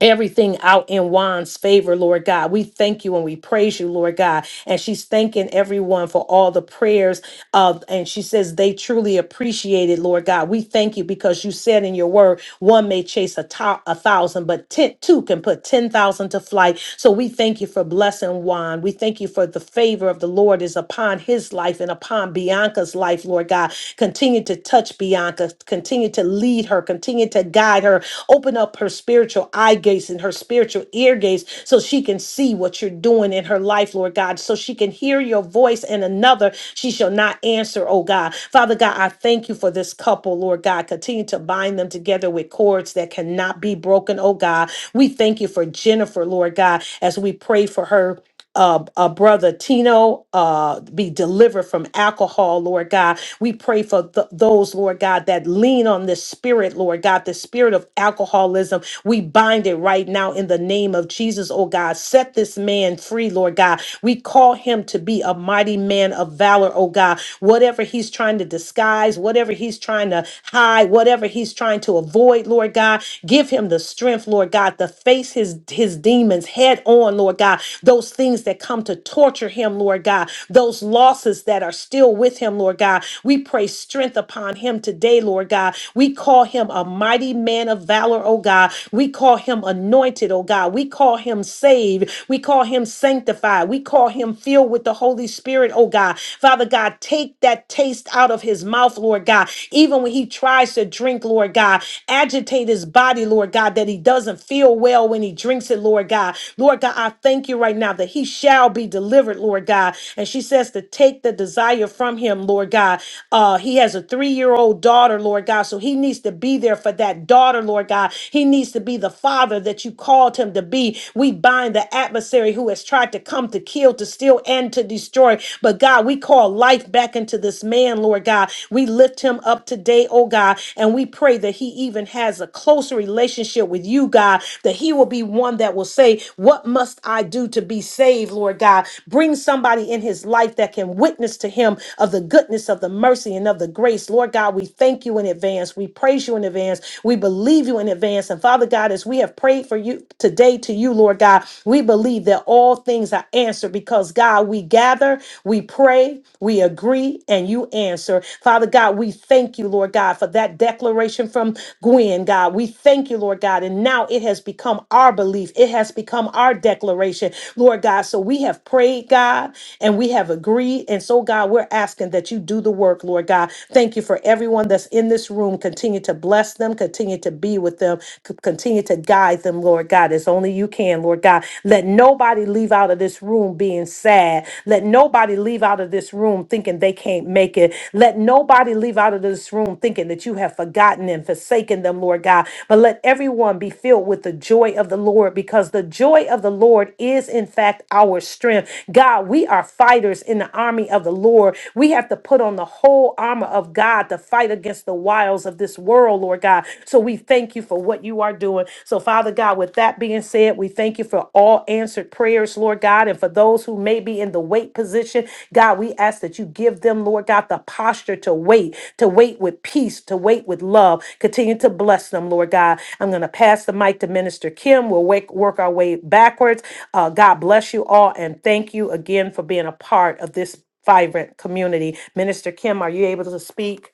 A: everything out in Juan's favor, Lord God. We thank you and we praise you, Lord God. And she's thanking everyone for all the prayers of and she says they truly appreciate it, Lord God. We thank you because you said in your word, one may chase a, to- a thousand, but ten, two can put 10,000 to flight. So we thank you for blessing Juan. We thank you for the favor of the Lord is upon his life and upon Bianca's life, Lord God Continue to touch Bianca, continue to lead her, continue to guide her, open up her spiritual eye gates and her spiritual ear gates so she can see what you're doing in her life, Lord God, so she can hear your voice and another she shall not answer, oh God. Father God, I thank you for this couple, Lord God. Continue to bind them together with cords that cannot be broken, oh God. We thank you for Jennifer, Lord God, as we pray for her uh, uh, brother Tino uh, be delivered from alcohol, Lord God. We pray for th- those, Lord God, that lean on this spirit, Lord God, the spirit of alcoholism. We bind it right now in the name of Jesus, oh God. Set this man free, Lord God. We call him to be a mighty man of valor, oh God. Whatever he's trying to disguise, whatever he's trying to hide, whatever he's trying to avoid, Lord God, give him the strength, Lord God, to face his, his demons head on, Lord God God, those things that come to torture him, Lord God, those losses that are still with him, Lord God. We pray strength upon him today, Lord God. We call him a mighty man of valor, oh God. We call him anointed, oh God. We call him saved. We call him sanctified. We call him filled with the Holy Spirit, oh God. Father God, take that taste out of his mouth, Lord God. Even when he tries to drink, Lord God, agitate his body, Lord God, that he doesn't feel well when he drinks it, Lord God. Lord God, I thank you right now that he shall be delivered, Lord God. And she says to take the desire from him, Lord God. Uh, he has a three year old daughter, Lord God. So he needs to be there for that daughter, Lord God. He needs to be the father that you called him to be. We bind the adversary who has tried to come to kill, to steal, and to destroy. But God, we call life back into this man, Lord God. We lift him up today, oh God, and we pray that he even has a closer relationship with you, God, that he will be one that one that will say, What must I do to be saved, Lord God? Bring somebody in his life that can witness to him of the goodness, of the mercy, and of the grace. Lord God, we thank you in advance. We praise you in advance. We believe you in advance. And Father God, as we have prayed for you today to you, Lord God, we believe that all things are answered because, God, we gather, we pray, we agree, and you answer. Father God, we thank you, Lord God, for that declaration from Gwen, God. We thank you, Lord God. And now it has become become our belief, it has become our declaration, Lord God. So we have prayed, God, and we have agreed. And so, God, we're asking that you do the work, Lord God. Thank you for everyone that's in this room. Continue to bless them, continue to be with them, c- continue to guide them, Lord God, as only you can, Lord God. Let nobody leave out of this room being sad. Let nobody leave out of this room thinking they can't make it. Let nobody leave out of this room thinking that you have forgotten and forsaken them, Lord God. But let everyone be be filled with the joy of the Lord because the joy of the Lord is, in fact, our strength. God, we are fighters in the army of the Lord. We have to put on the whole armor of God to fight against the wiles of this world, Lord God. So we thank you for what you are doing. So, Father God, with that being said, we thank you for all answered prayers, Lord God, and for those who may be in the wait position, God, we ask that you give them, Lord God, the posture to wait, to wait with peace, to wait with love. Continue to bless them, Lord God. I'm going to pass the mic to Minister Kim. We'll wake, work our way backwards. Uh, God bless you all, and thank you again for being a part of this vibrant community. Minister Kim, are you able to speak?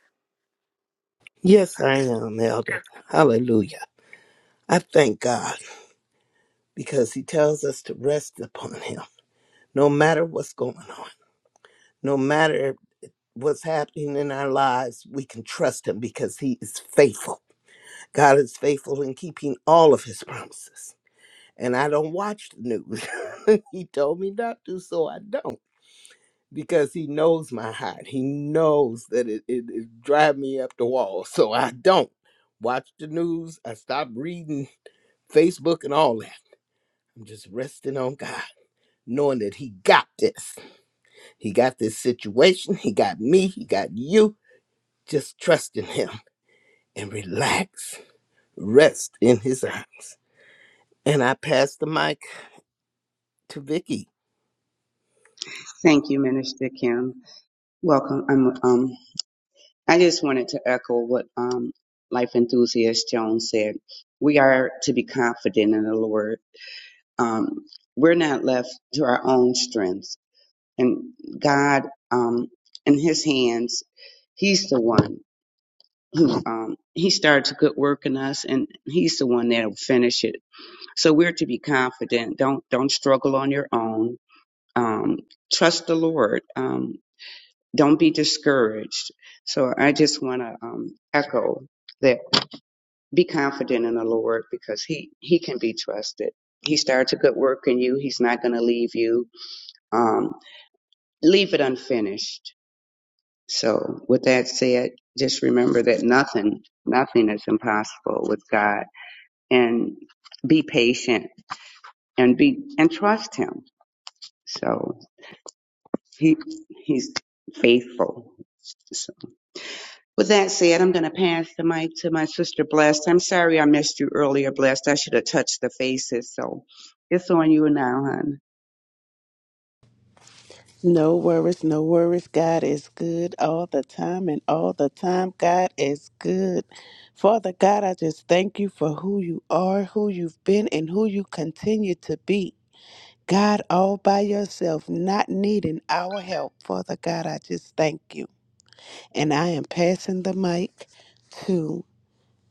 I: Yes, I am, Elder. Hallelujah. I thank God because He tells us to rest upon Him. No matter what's going on, no matter what's happening in our lives, we can trust Him because He is faithful. God is faithful in keeping all of His promises. And I don't watch the news. he told me not to, so I don't. because he knows my height. He knows that it, it, it drive me up the wall. So I don't watch the news. I stop reading Facebook and all that. I'm just resting on God, knowing that he got this. He got this situation. He got me. He got you. Just trust in him and relax. Rest in his arms. And I pass the mic to Vicky.
D: Thank you, Minister Kim. Welcome. Um, um, I just wanted to echo what um, life enthusiast Jones said. We are to be confident in the Lord. Um, we're not left to our own strengths, and God, um, in His hands, He's the one. Um, he starts a good work in us, and He's the one that'll finish it So we're to be confident. Don't don't struggle on your own. Um, trust the Lord. Um, don't be discouraged. So I just want to um, echo that. Be confident in the Lord because He He can be trusted. He starts a good work in you. He's not going to leave you. Um, leave it unfinished. So with that said, just remember that nothing nothing is impossible with God, and be patient and be and trust Him. So. He he's faithful. So, with that said, I'm going to pass the mic to my sister Blessed. I'm sorry I missed you earlier, Blessed. I should have touched the faces. So it's on you now, hon.
J: No worries, no worries. God is good all the time, and all the time, God is good. Father God, I just thank you for who you are, who you've been, and who you continue to be. God, all by yourself, not needing our help. Father God, I just thank you. And I am passing the mic to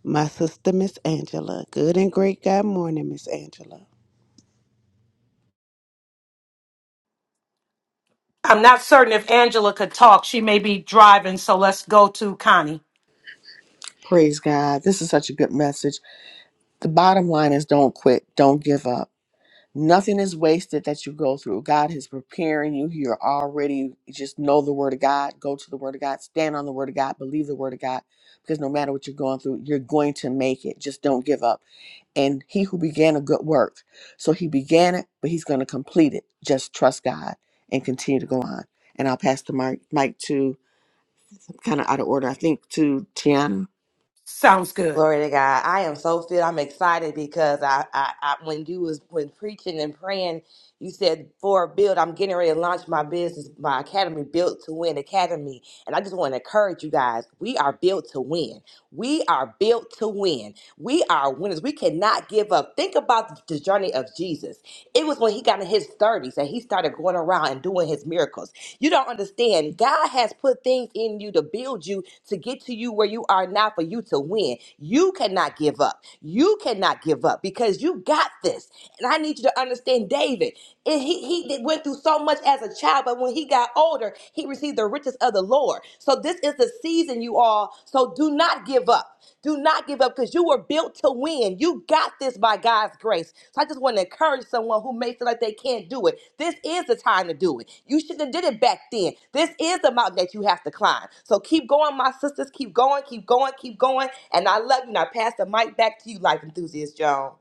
J: my sister, Miss Angela. Good and great God morning, Miss Angela.
A: I'm not certain if Angela could talk. She may be driving, so let's go to Connie.
C: Praise God. This is such a good message. The bottom line is don't quit, don't give up. Nothing is wasted that you go through. God is preparing you. You're already just know the word of God, go to the word of God, stand on the word of God, believe the word of God, because no matter what you're going through, you're going to make it. Just don't give up. And he who began a good work, so he began it, but he's going to complete it. Just trust God and continue to go on. And I'll pass the mic, mic to kind of out of order, I think, to Tiana.
A: Sounds good.
G: Glory to God. I am so filled. I'm excited because I, I, I when you was when preaching and praying, you said for a build, I'm getting ready to launch my business, my academy, Built to Win Academy. And I just want to encourage you guys. We are built to win. We are built to win. We are winners. We cannot give up. Think about the journey of Jesus. It was when he got in his 30s and he started going around and doing his miracles. You don't understand. God has put things in you to build you to get to you where you are now for you to win. You cannot give up. You cannot give up because you got this. And I need you to understand, David. And he, he did- went through so much as a child, but when he got older, he received the riches of the Lord. So this is the season, you all. So do not give up. Do not give up because you were built to win. You got this by God's grace. So I just want to encourage someone who may feel like they can't do it. This is the time to do it. You should have did it back then. This is the mountain that you have to climb. So keep going, my sisters. Keep going, keep going, keep going. And I love you. And I pass the mic back to you, Life Enthusiast Joan.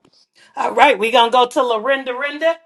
A: All right, we're going to go to Lorinda Rinda.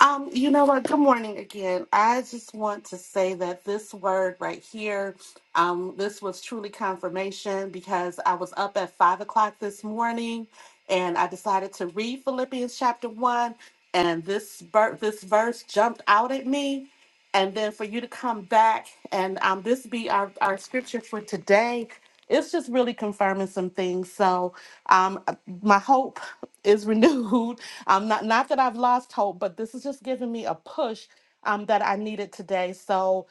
B: Um, you know what? Good morning again. I just want to say that this word right here, um, this was truly confirmation because I was up at five o'clock this morning and I decided to read Philippians chapter one, and this ver- this verse jumped out at me and then for you to come back and um, this be our, our scripture for today it's just really confirming some things so um, uh, my hope is renewed um, not, not that i've lost hope but this is just giving me a push um, that i needed today so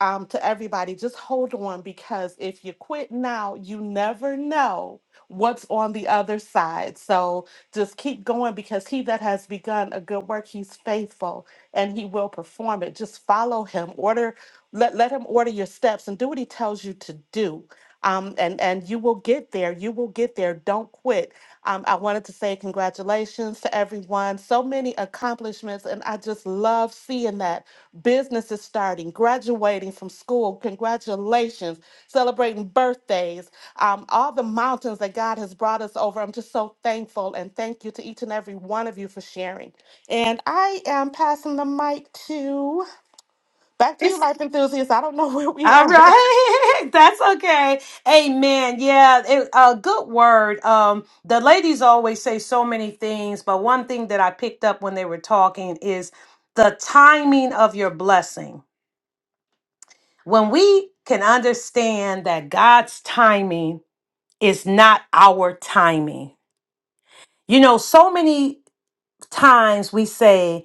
B: um, to everybody, just hold on because if you quit now, you never know what's on the other side. So just keep going because he that has begun a good work, he's faithful and he will perform it. Just follow him, order, let, let him order your steps and do what he tells you to do. Um, and, and you will get there. You will get there. Don't quit. Um, I wanted to say congratulations to everyone. So many accomplishments, and I just love seeing that. Businesses starting, graduating from school, congratulations, celebrating birthdays, um, all the mountains that God has brought us over. I'm just so thankful, and thank you to each and every one of you for sharing. And I am passing the mic to back to you, life enthusiasts. I don't know where we
A: All
B: are.
A: right, that's okay. Amen. Yeah, it, a good word. Um, the ladies always say so many things, but one thing that I picked up when they were talking is the timing of your blessing. When we can understand that God's timing is not our timing. You know, so many times we say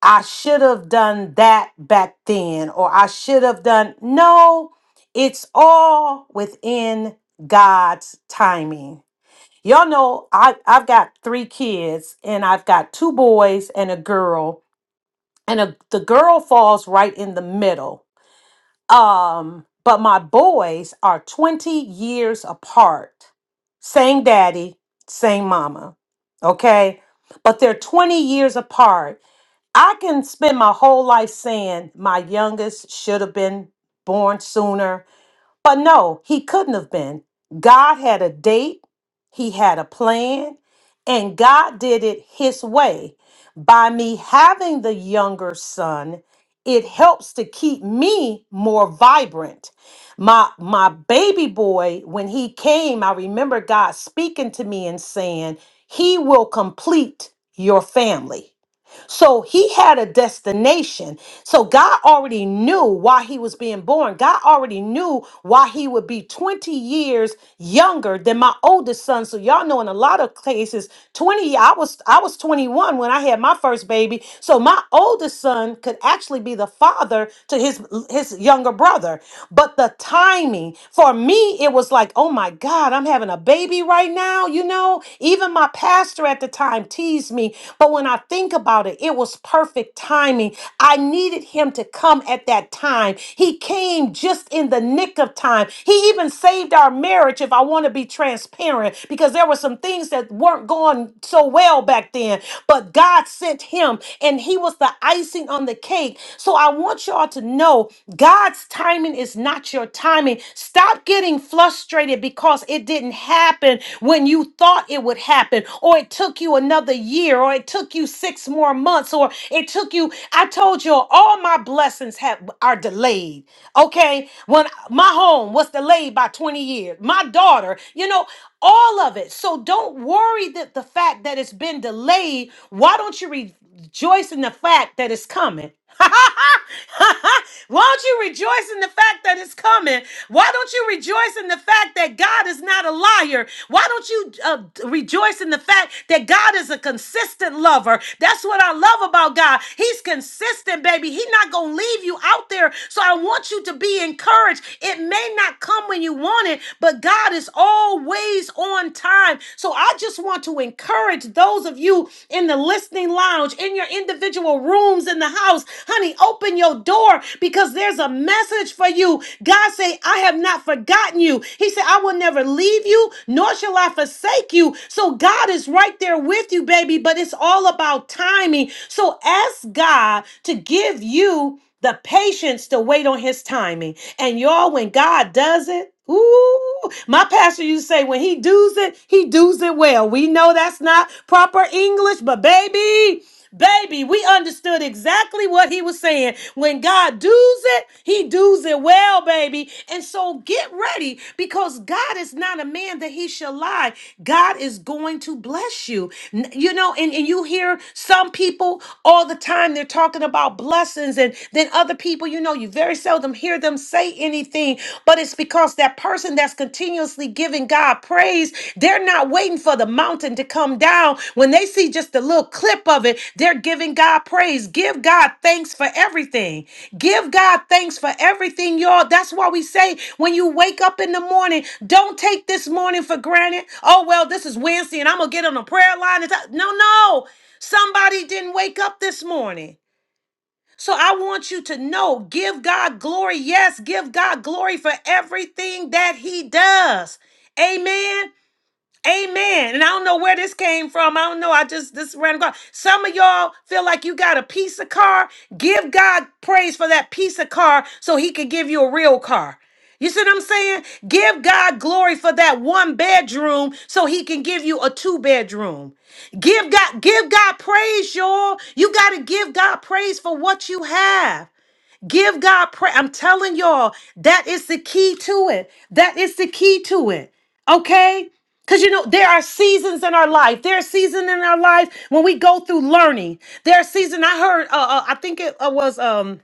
A: I should have done that back then, or I should have done. No, it's all within God's timing. Y'all know I, I've got three kids, and I've got two boys and a girl, and a, the girl falls right in the middle. Um, but my boys are 20 years apart. Same daddy, same mama. Okay. But they're 20 years apart I can spend my whole life saying my youngest should have been born sooner, but no, he couldn't have been. God had a date, he had a plan, and God did it his way. By me having the younger son, it helps to keep me more vibrant. My my baby boy when he came, I remember God speaking to me and saying, "He will complete your family." So he had a destination. So God already knew why he was being born. God already knew why he would be 20 years younger than my oldest son. So y'all know in a lot of cases, 20 I was I was 21 when I had my first baby. So my oldest son could actually be the father to his his younger brother. But the timing for me it was like, "Oh my god, I'm having a baby right now." You know, even my pastor at the time teased me, but when I think about it, it was perfect timing. I needed him to come at that time. He came just in the nick of time time. He even saved our marriage, if I want to be transparent, because there were some things that weren't going so well back then. But God sent him, and he was the icing on the cake. So I want y'all to know God's timing is not your timing. Stop getting frustrated because it didn't happen when you thought it would happen, or it took you another year, or it took you six more months, or it took took you. I told you all my blessings have are delayed. Okay, when my home was delayed by 20 years, my daughter, you know, all of it. So don't worry that the fact that it's been delayed. Why don't you rejoice in the fact that it's coming? Won't you rejoice in the fact that it's coming? Why don't you rejoice in the fact that God is not a liar? Why don't you uh, rejoice in the fact that God is a consistent lover? That's what I love about God. He's consistent, baby. He's not going to leave you out there. So I want you to be encouraged. It may not come when you want it, but God is always on time. So I just want to encourage those of you in the listening lounge, in your individual multiple rooms in the house. Honey, open your door because there's a message for you. God say, I have not forgotten you. He said, I will never leave you, nor shall I forsake you. So God is right there with you, baby, but it's all about timing. So ask God to give you the patience to wait on his timing. And y'all, when God does it, ooh, my pastor used to say, when he does it, he does it well. We know that's not proper English, but baby, Baby, we understood exactly what he was saying. When God does it, he does it well, baby. And so get ready because God is not a man that he shall lie. God is going to bless you. N- You know, and, and you hear some people all the time, they're talking talking about blessings, and then other people, you know, you very seldom hear them say anything, but it's because that person that's continuously giving God praise, they're not waiting for the mountain to come down. When they see just a little clip of it, they're giving God praise. Give God thanks for everything. Give God thanks for everything, y'all. That's why we say when you wake up in the morning, don't take this morning for granted. Oh, well, this is Wednesday and I'm going to get on a prayer line. and talk." No, no. Somebody didn't wake up this morning. So I want you to know give God glory. Yes, give God glory for everything that He does. Amen. Amen. And I don't know where this came from. I don't know. I just this random God. Some of y'all feel like you got a piece of car. Give God praise for that piece of car so he could give you a real car. You see what I'm saying? Give God glory for that one bedroom so he can give you a two bedroom. Give God give God praise, y'all. You got to give God praise for what you have. Give God prayer. I'm telling y'all, that is the key to it. That is the key to it. Okay? Because you know, there are seasons in our life. There are seasons in our life when we go through learning. There are seasons, I heard, uh, uh, I think it uh, was, um,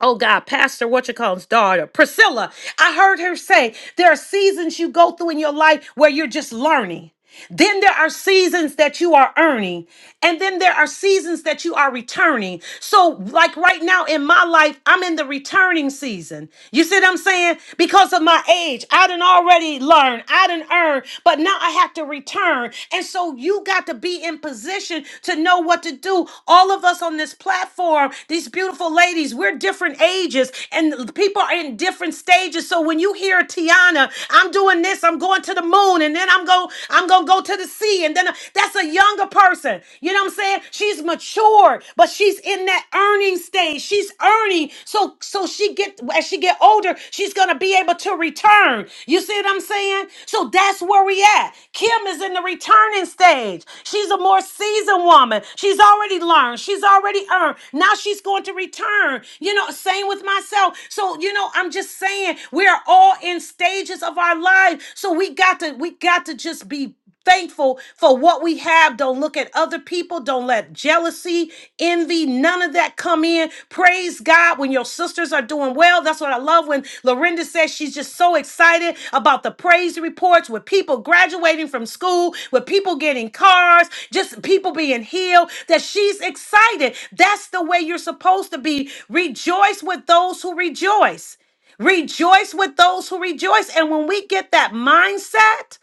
A: oh God, Pastor, what you call his daughter, Priscilla. I heard her say, there are seasons you go through in your life where you're just learning. Then there are seasons that you are earning, and then there are seasons that you are returning. So, like right now in my life, I'm in the returning season. You see what I'm saying? Because of my age, I done already learned, I done earned, but now I have to return. And so you got to be in position to know what to do. All of us on this platform, these beautiful ladies, we're different ages and people are in different stages. So when you hear Tiana, I'm doing this, I'm going to to the moon and then I'm going I'm going to go to the sea and then uh, that's a younger person. You know what I'm saying? She's mature, but she's in that earning stage. She's earning so so she get as she get older, she's going to be able to return. You see what I'm saying? So that's where we at. Kim is in the returning stage. She's a more seasoned woman. She's already learned. She's already earned. Now she's going to return. You know, same with myself. So, you know, I'm just saying we are all in different stages of our life. So we got to we got to just be thankful for what we have. Don't look at other people. Don't let jealousy, envy, none of that come in. Praise God when your sisters are doing well. That's what I love when Lorinda says she's just so excited about the praise reports with people graduating from school, with people getting cars, just people being healed, that she's excited. That's the way you're supposed to be. Rejoice with those who rejoice. Rejoice with those who rejoice. And when we get that mindset,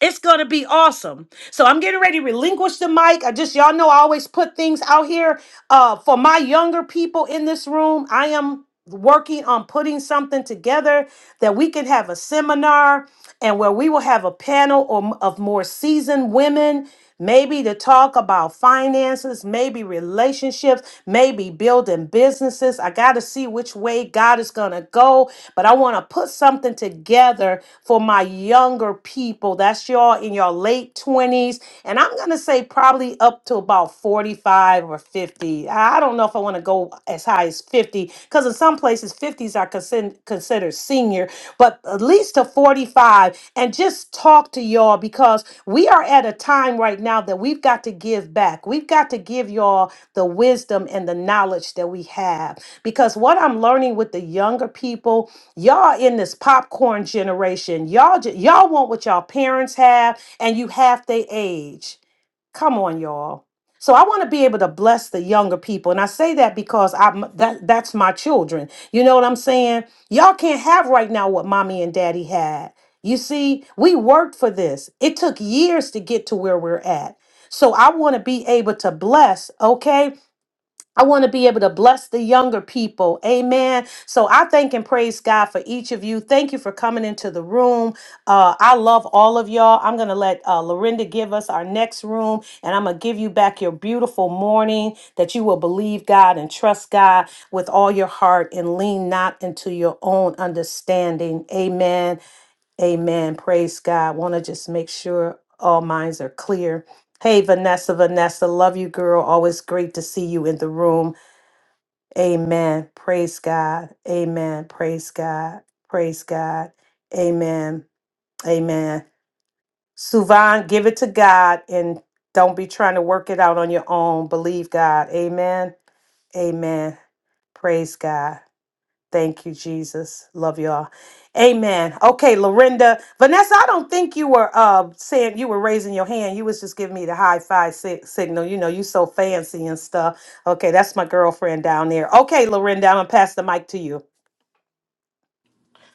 A: it's going to be awesome. So I'm getting ready to relinquish the mic. I just, y'all know, I always put things out here uh, for my younger people in this room. I am working on putting something together that we can have a seminar and where we will have a panel or, of more seasoned women maybe to talk about finances, maybe relationships, maybe building businesses. I got to see which way God is going to go, but I want to put something together for my younger people. That's y'all in your late 20s, and I'm going to say probably up to up to about 45 or 50. I I don't know if I want to go as high as 50 because in some places 50s are considered considered senior, but at least to 45 and just talk to y'all because we are at a time right now that we've got to give back. We've got to give y'all the wisdom and the knowledge that we have because what I'm learning with the younger people, y'all in this popcorn generation, y'all ju- y'all want what y'all parents have and you half their age. Come on, y'all. So I want to be able to bless the younger people, and I say that because I'm that that's my children. You know what I'm saying? Y'all can't have right now what mommy and daddy had. You see, we worked for this. It took years to get to where we're at. So I want to be able to bless, okay? I want to be able to bless the younger people. Amen. So I thank and praise God for each of you. Thank you for coming into the room. Uh, I love all of y'all. I'm going to let uh, Lorinda give us our next room, and I'm going to give you back your beautiful morning that you will believe God and trust God with all your heart and lean not into your own understanding. Amen. Amen. Praise God. Want to just make sure all minds are clear. Hey, Vanessa, Vanessa, love you, girl. Always great to see you in the room. Amen. Praise God. Amen. Praise God. Praise God. Amen. Amen. Suvan, give it to God and don't be trying to work it out on your own. Believe God. Amen. Amen. Praise God. Thank you, Jesus. Love y'all. Amen. Okay, Lorinda. Vanessa, I don't think you were uh saying you were raising your hand. You was just giving me the high five si- signal. You know, you so fancy and stuff. Okay, that's my girlfriend down there. Okay, Lorinda, I'm gonna pass the mic to you.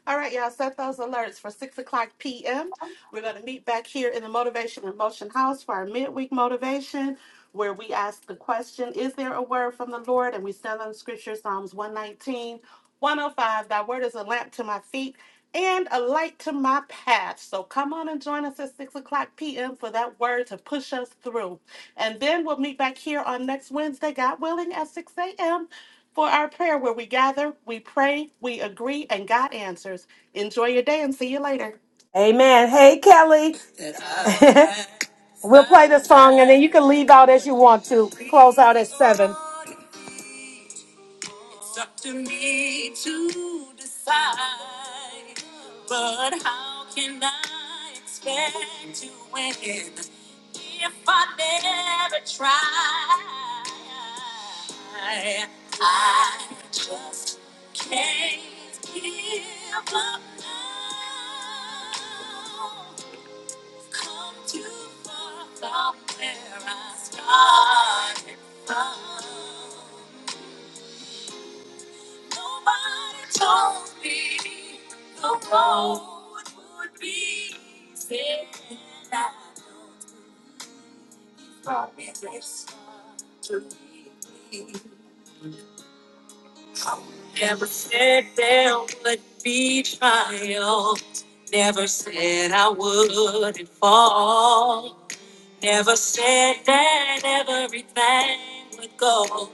B: All right, y'all, set those alerts for 6 o'clock p.m. We're going to meet back here in the Motivation and Motion House for our midweek motivation, where we ask the question Is there a word from the Lord? And we stand on the scripture, Psalms 119, 105. Thy word is a lamp to my feet and a light to my path. So come on and join us at 6 o'clock p.m. for that word to push us through. And then we'll meet back here on next Wednesday, God willing, at 6 a.m for our prayer where we gather, we pray, we agree, and God answers. Enjoy your day and see you later.
A: Amen. Hey, Kelly. We'll play the song and then you can leave out as you want to. Close out at seven. It's up to me to decide. But how can I expect to win if I never try? I just can't give up now. Come too far from where I started from. Nobody told me the road would be easy. And I know you brought me this far to lead me. Never said there would be trials. Never said I wouldn't fall. Never said that everything would go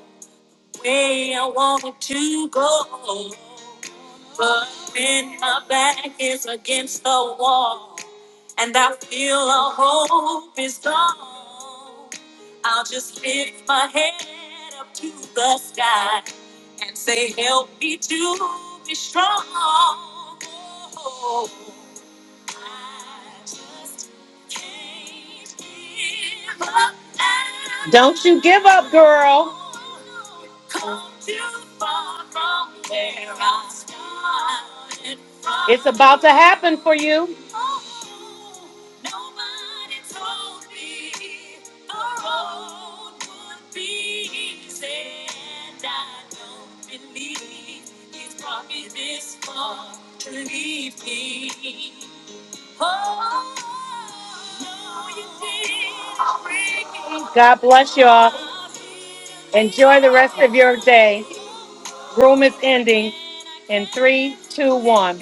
A: the way I wanted to go. But when my back is against the wall and I feel all hope is gone, I'll just lift my head up to the sky and say, Help me to be strong. Don't you give up, girl. It's about to happen for you. God bless you all. Enjoy the rest of your day. Room is ending in three, two, one.